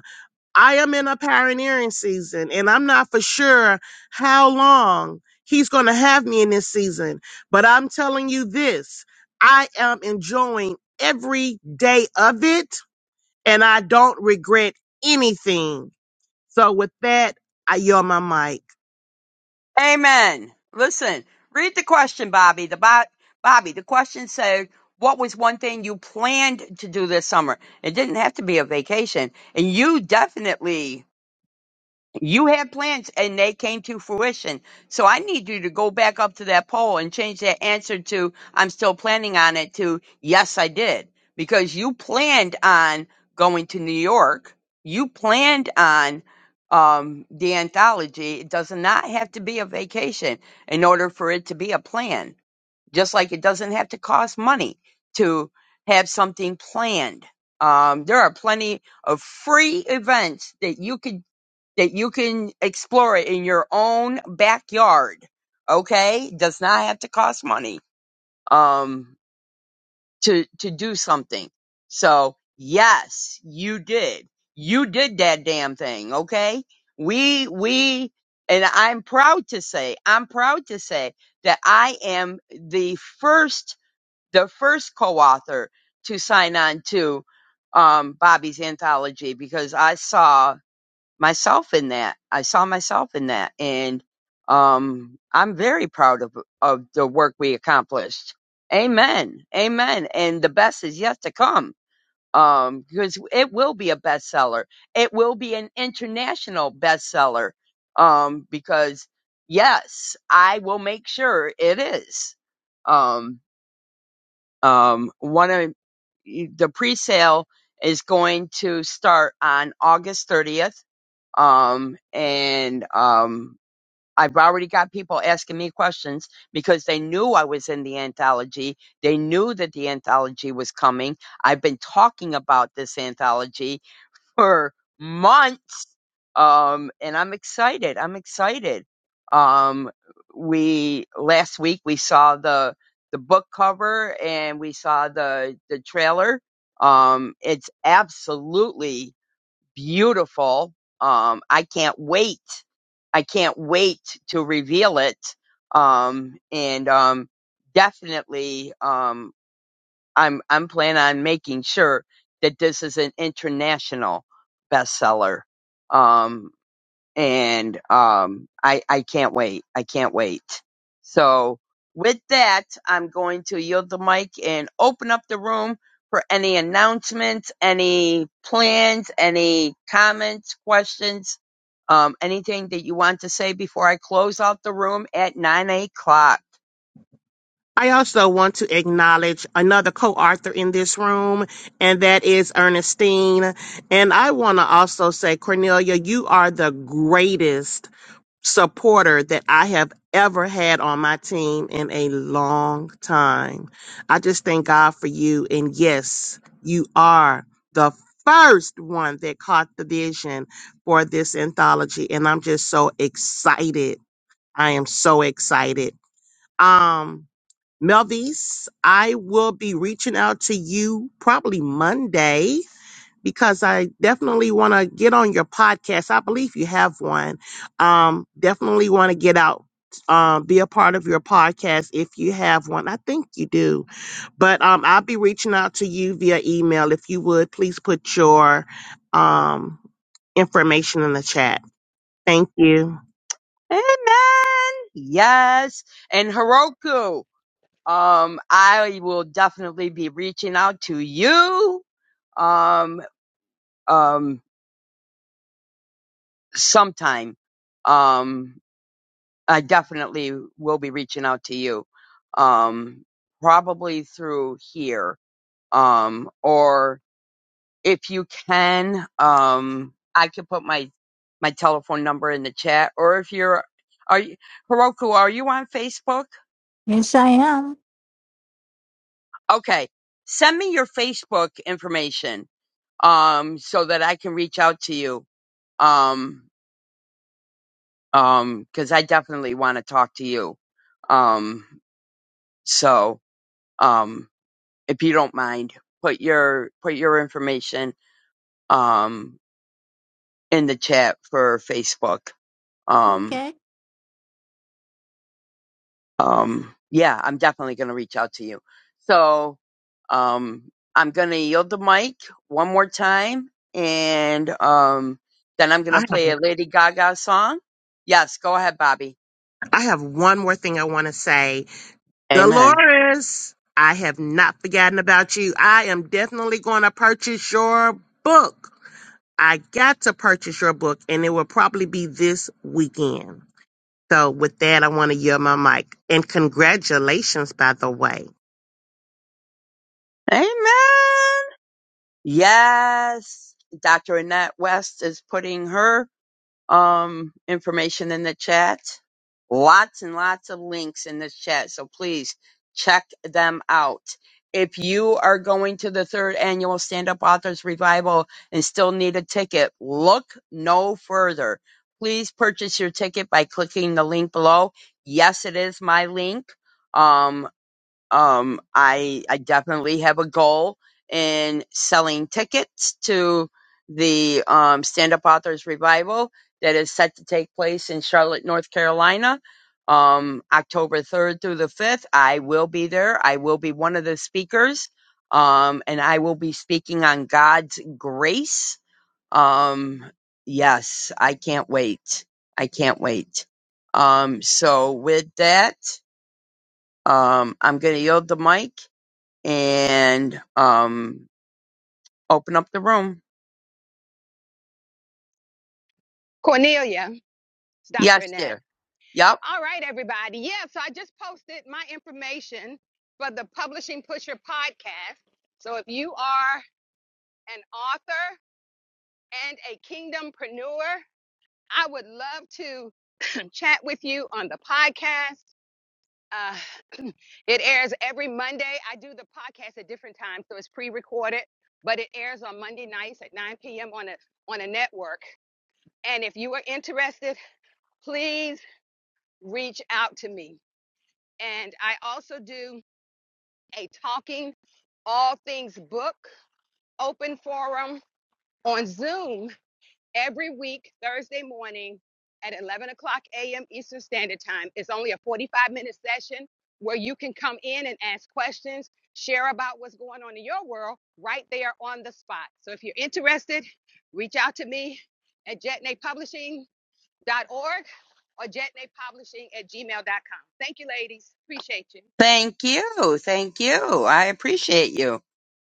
I am in a pioneering season, and I'm not for sure how long he's going to have me in this season. But I'm telling you this I am enjoying every day of it, and I don't regret anything. So, with that, I yell my mic.
Amen. Listen, read the question, Bobby. The bo- Bobby, the question said, "What was one thing you planned to do this summer?" It didn't have to be a vacation, and you definitely you had plans and they came to fruition. So I need you to go back up to that poll and change that answer to I'm still planning on it to yes, I did. Because you planned on going to New York. You planned on um, the anthology. It does not have to be a vacation in order for it to be a plan just like it doesn't have to cost money to have something planned. Um, there are plenty of free events that you could that you can explore in your own backyard. Okay, does not have to cost money um, to to do something. So yes, you did. You did that damn thing. Okay, we we and I'm proud to say I'm proud to say that I am the first the first co-author to sign on to um, Bobby's anthology because I saw myself in that. I saw myself in that, and um, I'm very proud of of the work we accomplished. Amen, amen. And the best is yet to come um, because it will be a bestseller. It will be an international bestseller um, because yes, I will make sure it is. Um, um, one of the pre-sale is going to start on August 30th. Um, and, um, I've already got people asking me questions because they knew I was in the anthology. They knew that the anthology was coming. I've been talking about this anthology per month. Um, and I'm excited. I'm excited. Um, we last week we saw the the book cover and we saw the the trailer. Um, it's absolutely beautiful. Um, I can't wait. I can't wait to reveal it. Um, and um, definitely. Um, I'm I'm planning on making sure that this is an international bestseller. Um and um I I can't wait. I can't wait. So with that, I'm going to yield the mic and open up the room for any announcements, any plans, any comments, questions, um, anything that you want to say before I close out the room at nine o'clock.
I also want to acknowledge another co author in this room, and that is Ernestine. And I want to also say, Cornelia, you are the greatest supporter that I have ever had on my team in a long time. I just thank God for you. And yes, you are the first one that caught the vision for this anthology. And I'm just so excited. I am so excited. Um, Melvise, I will be reaching out to you probably Monday because I definitely want to get on your podcast. I believe you have one. Um, definitely want to get out, uh, be a part of your podcast if you have one. I think you do, but um, I'll be reaching out to you via email. If you would please put your um, information in the chat. Thank you.
Amen. Yes. And Heroku. Um, I will definitely be reaching out to you. Um, um, sometime. Um, I definitely will be reaching out to you. Um, probably through here. Um, or if you can, um, I can put my my telephone number in the chat. Or if you're, are you, Heroku, are you on Facebook?
Yes, I am.
Okay, send me your Facebook information um, so that I can reach out to you. Um, um, cause I definitely want to talk to you. Um, so, um, if you don't mind, put your, put your information, um, in the chat for Facebook. Um,
okay.
um, yeah, I'm definitely going to reach out to you. So, um, I'm going to yield the mic one more time and, um, then I'm going
I
to
have,
play a Lady Gaga song. Yes, go ahead, Bobby.
I have one more thing I want to say.
Amen.
Dolores, I have not forgotten about you. I am definitely going to purchase your book I got to purchase your book, and it will probably be this weekend. So, with that, I want to yield my mic. And congratulations, by the way.
Amen. Yes. Dr. Annette West is putting her um information in the chat. Lots and lots of links in the chat. So please check them out. If you are going to the third annual Stand Up Authors Revival and still need a ticket, look no further. Please purchase your ticket by clicking the link below. Yes, it is my link. Um, Um, I I definitely have a goal in selling tickets to the um, Stand Up Authors Revival that is set to take place in Charlotte, North Carolina, um, October third through the fifth. I will be there. I will be one of the speakers, um, and I will be speaking on God's grace. Um, yes, I can't wait. I can't wait. Um, so with that, um, I'm going to yield the mic and um open up the room.
Cornelia, it's Dr.
Yes,
Annette.
dear. Yep.
All right, everybody. Yeah, so I just posted my information for the Publishing Pusher podcast. So if you are an author and a kingdompreneur, I would love to chat with you on the podcast. Uh, it airs every Monday. I do the podcast at different times, so it's pre-recorded, but it airs on Monday nights at 9 p.m. on a on a network. And if you are interested, please reach out to me. And I also do a talking all things book open forum on Zoom every week, Thursday morning at 11 o'clock a.m. Eastern Standard Time. It's only a 45 minute session where you can come in and ask questions, share about what's going on in your world right there on the spot. So if you're interested, reach out to me at jetnaypublishing.org or jetnaypublishing at gmail.com. Thank you, ladies. Appreciate you.
Thank you. Thank you. I appreciate you.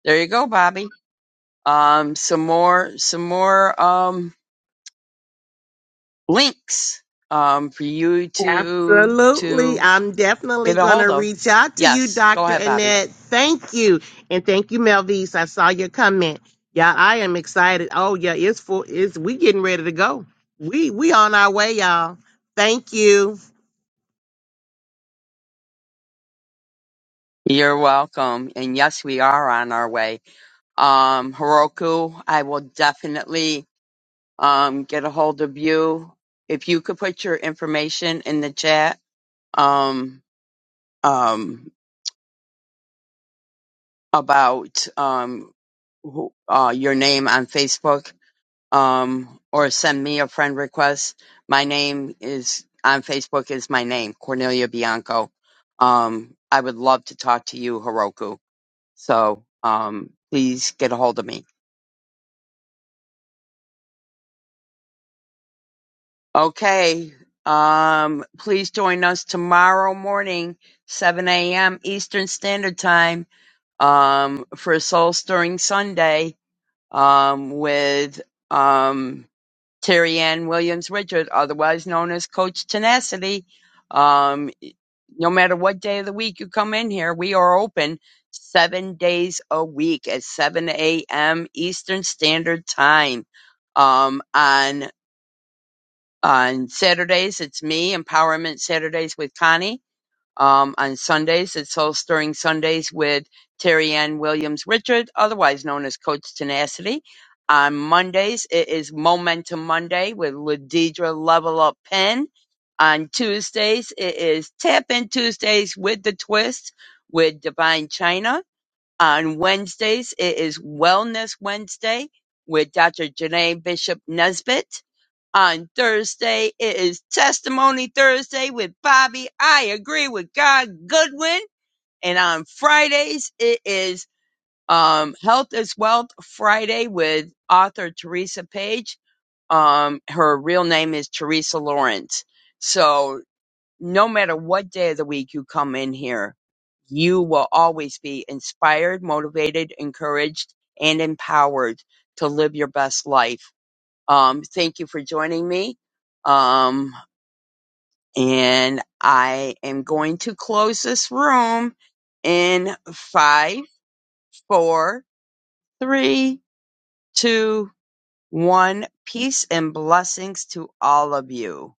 There you go, Bobby. Um some more some more um links um for you to
Absolutely.
to
I'm definitely
get a
going
hold
to
of.
reach out to you,
Yes, go
Dr.
ahead, Bobby.
Annette. Thank you. And thank you, Melvise. I saw your comment. Yeah, I am excited. Oh, yeah, it's full. It's, we getting ready to go. We, we on our way, y'all. Thank you.
You're welcome. And yes, we are on our way. Um Heroku, I will definitely um get a hold of you. If you could put your information in the chat um, um, about um, who, uh, your name on Facebook um, or send me a friend request. My name is on Facebook is my name, Cornelia Bianco. Um, I would love to talk to you, Heroku. So um, please get a hold of me. Okay. Um, please join us tomorrow morning, 7 a.m. Eastern Standard Time um, for Soul Stirring Sunday um, with um, Terry Ann Williams Richard, otherwise known as Coach Tenacity. Um, no matter what day of the week you come in here, we are open seven days a week at 7 a.m. Eastern Standard Time. Um, on on Saturdays, it's me, Empowerment Saturdays with Connie um, on Sundays. It's Soul Stirring Sundays with Terry Ann Williams Richard, otherwise known as Coach Tenacity. On Mondays, it is Momentum Monday with Ladidra Level Up Pen. On Tuesdays, it is Tap In Tuesdays with the Twist with Divine China on Wednesdays, it is Wellness Wednesday with Dr. Janae Bishop Nesbitt. On Thursday, it is Testimony Thursday with Bobby. I agree with God Goodwin. And on Fridays, it is um, Health is Wealth Friday with author Teresa Page. Um, her real name is Teresa Lawrence. So no matter what day of the week you come in here, you will always be inspired, motivated, encouraged, and empowered to live your best life. Um, thank you for joining me. Um, and I am going to close this room in five, four, three, two, one. Peace and blessings to all of you.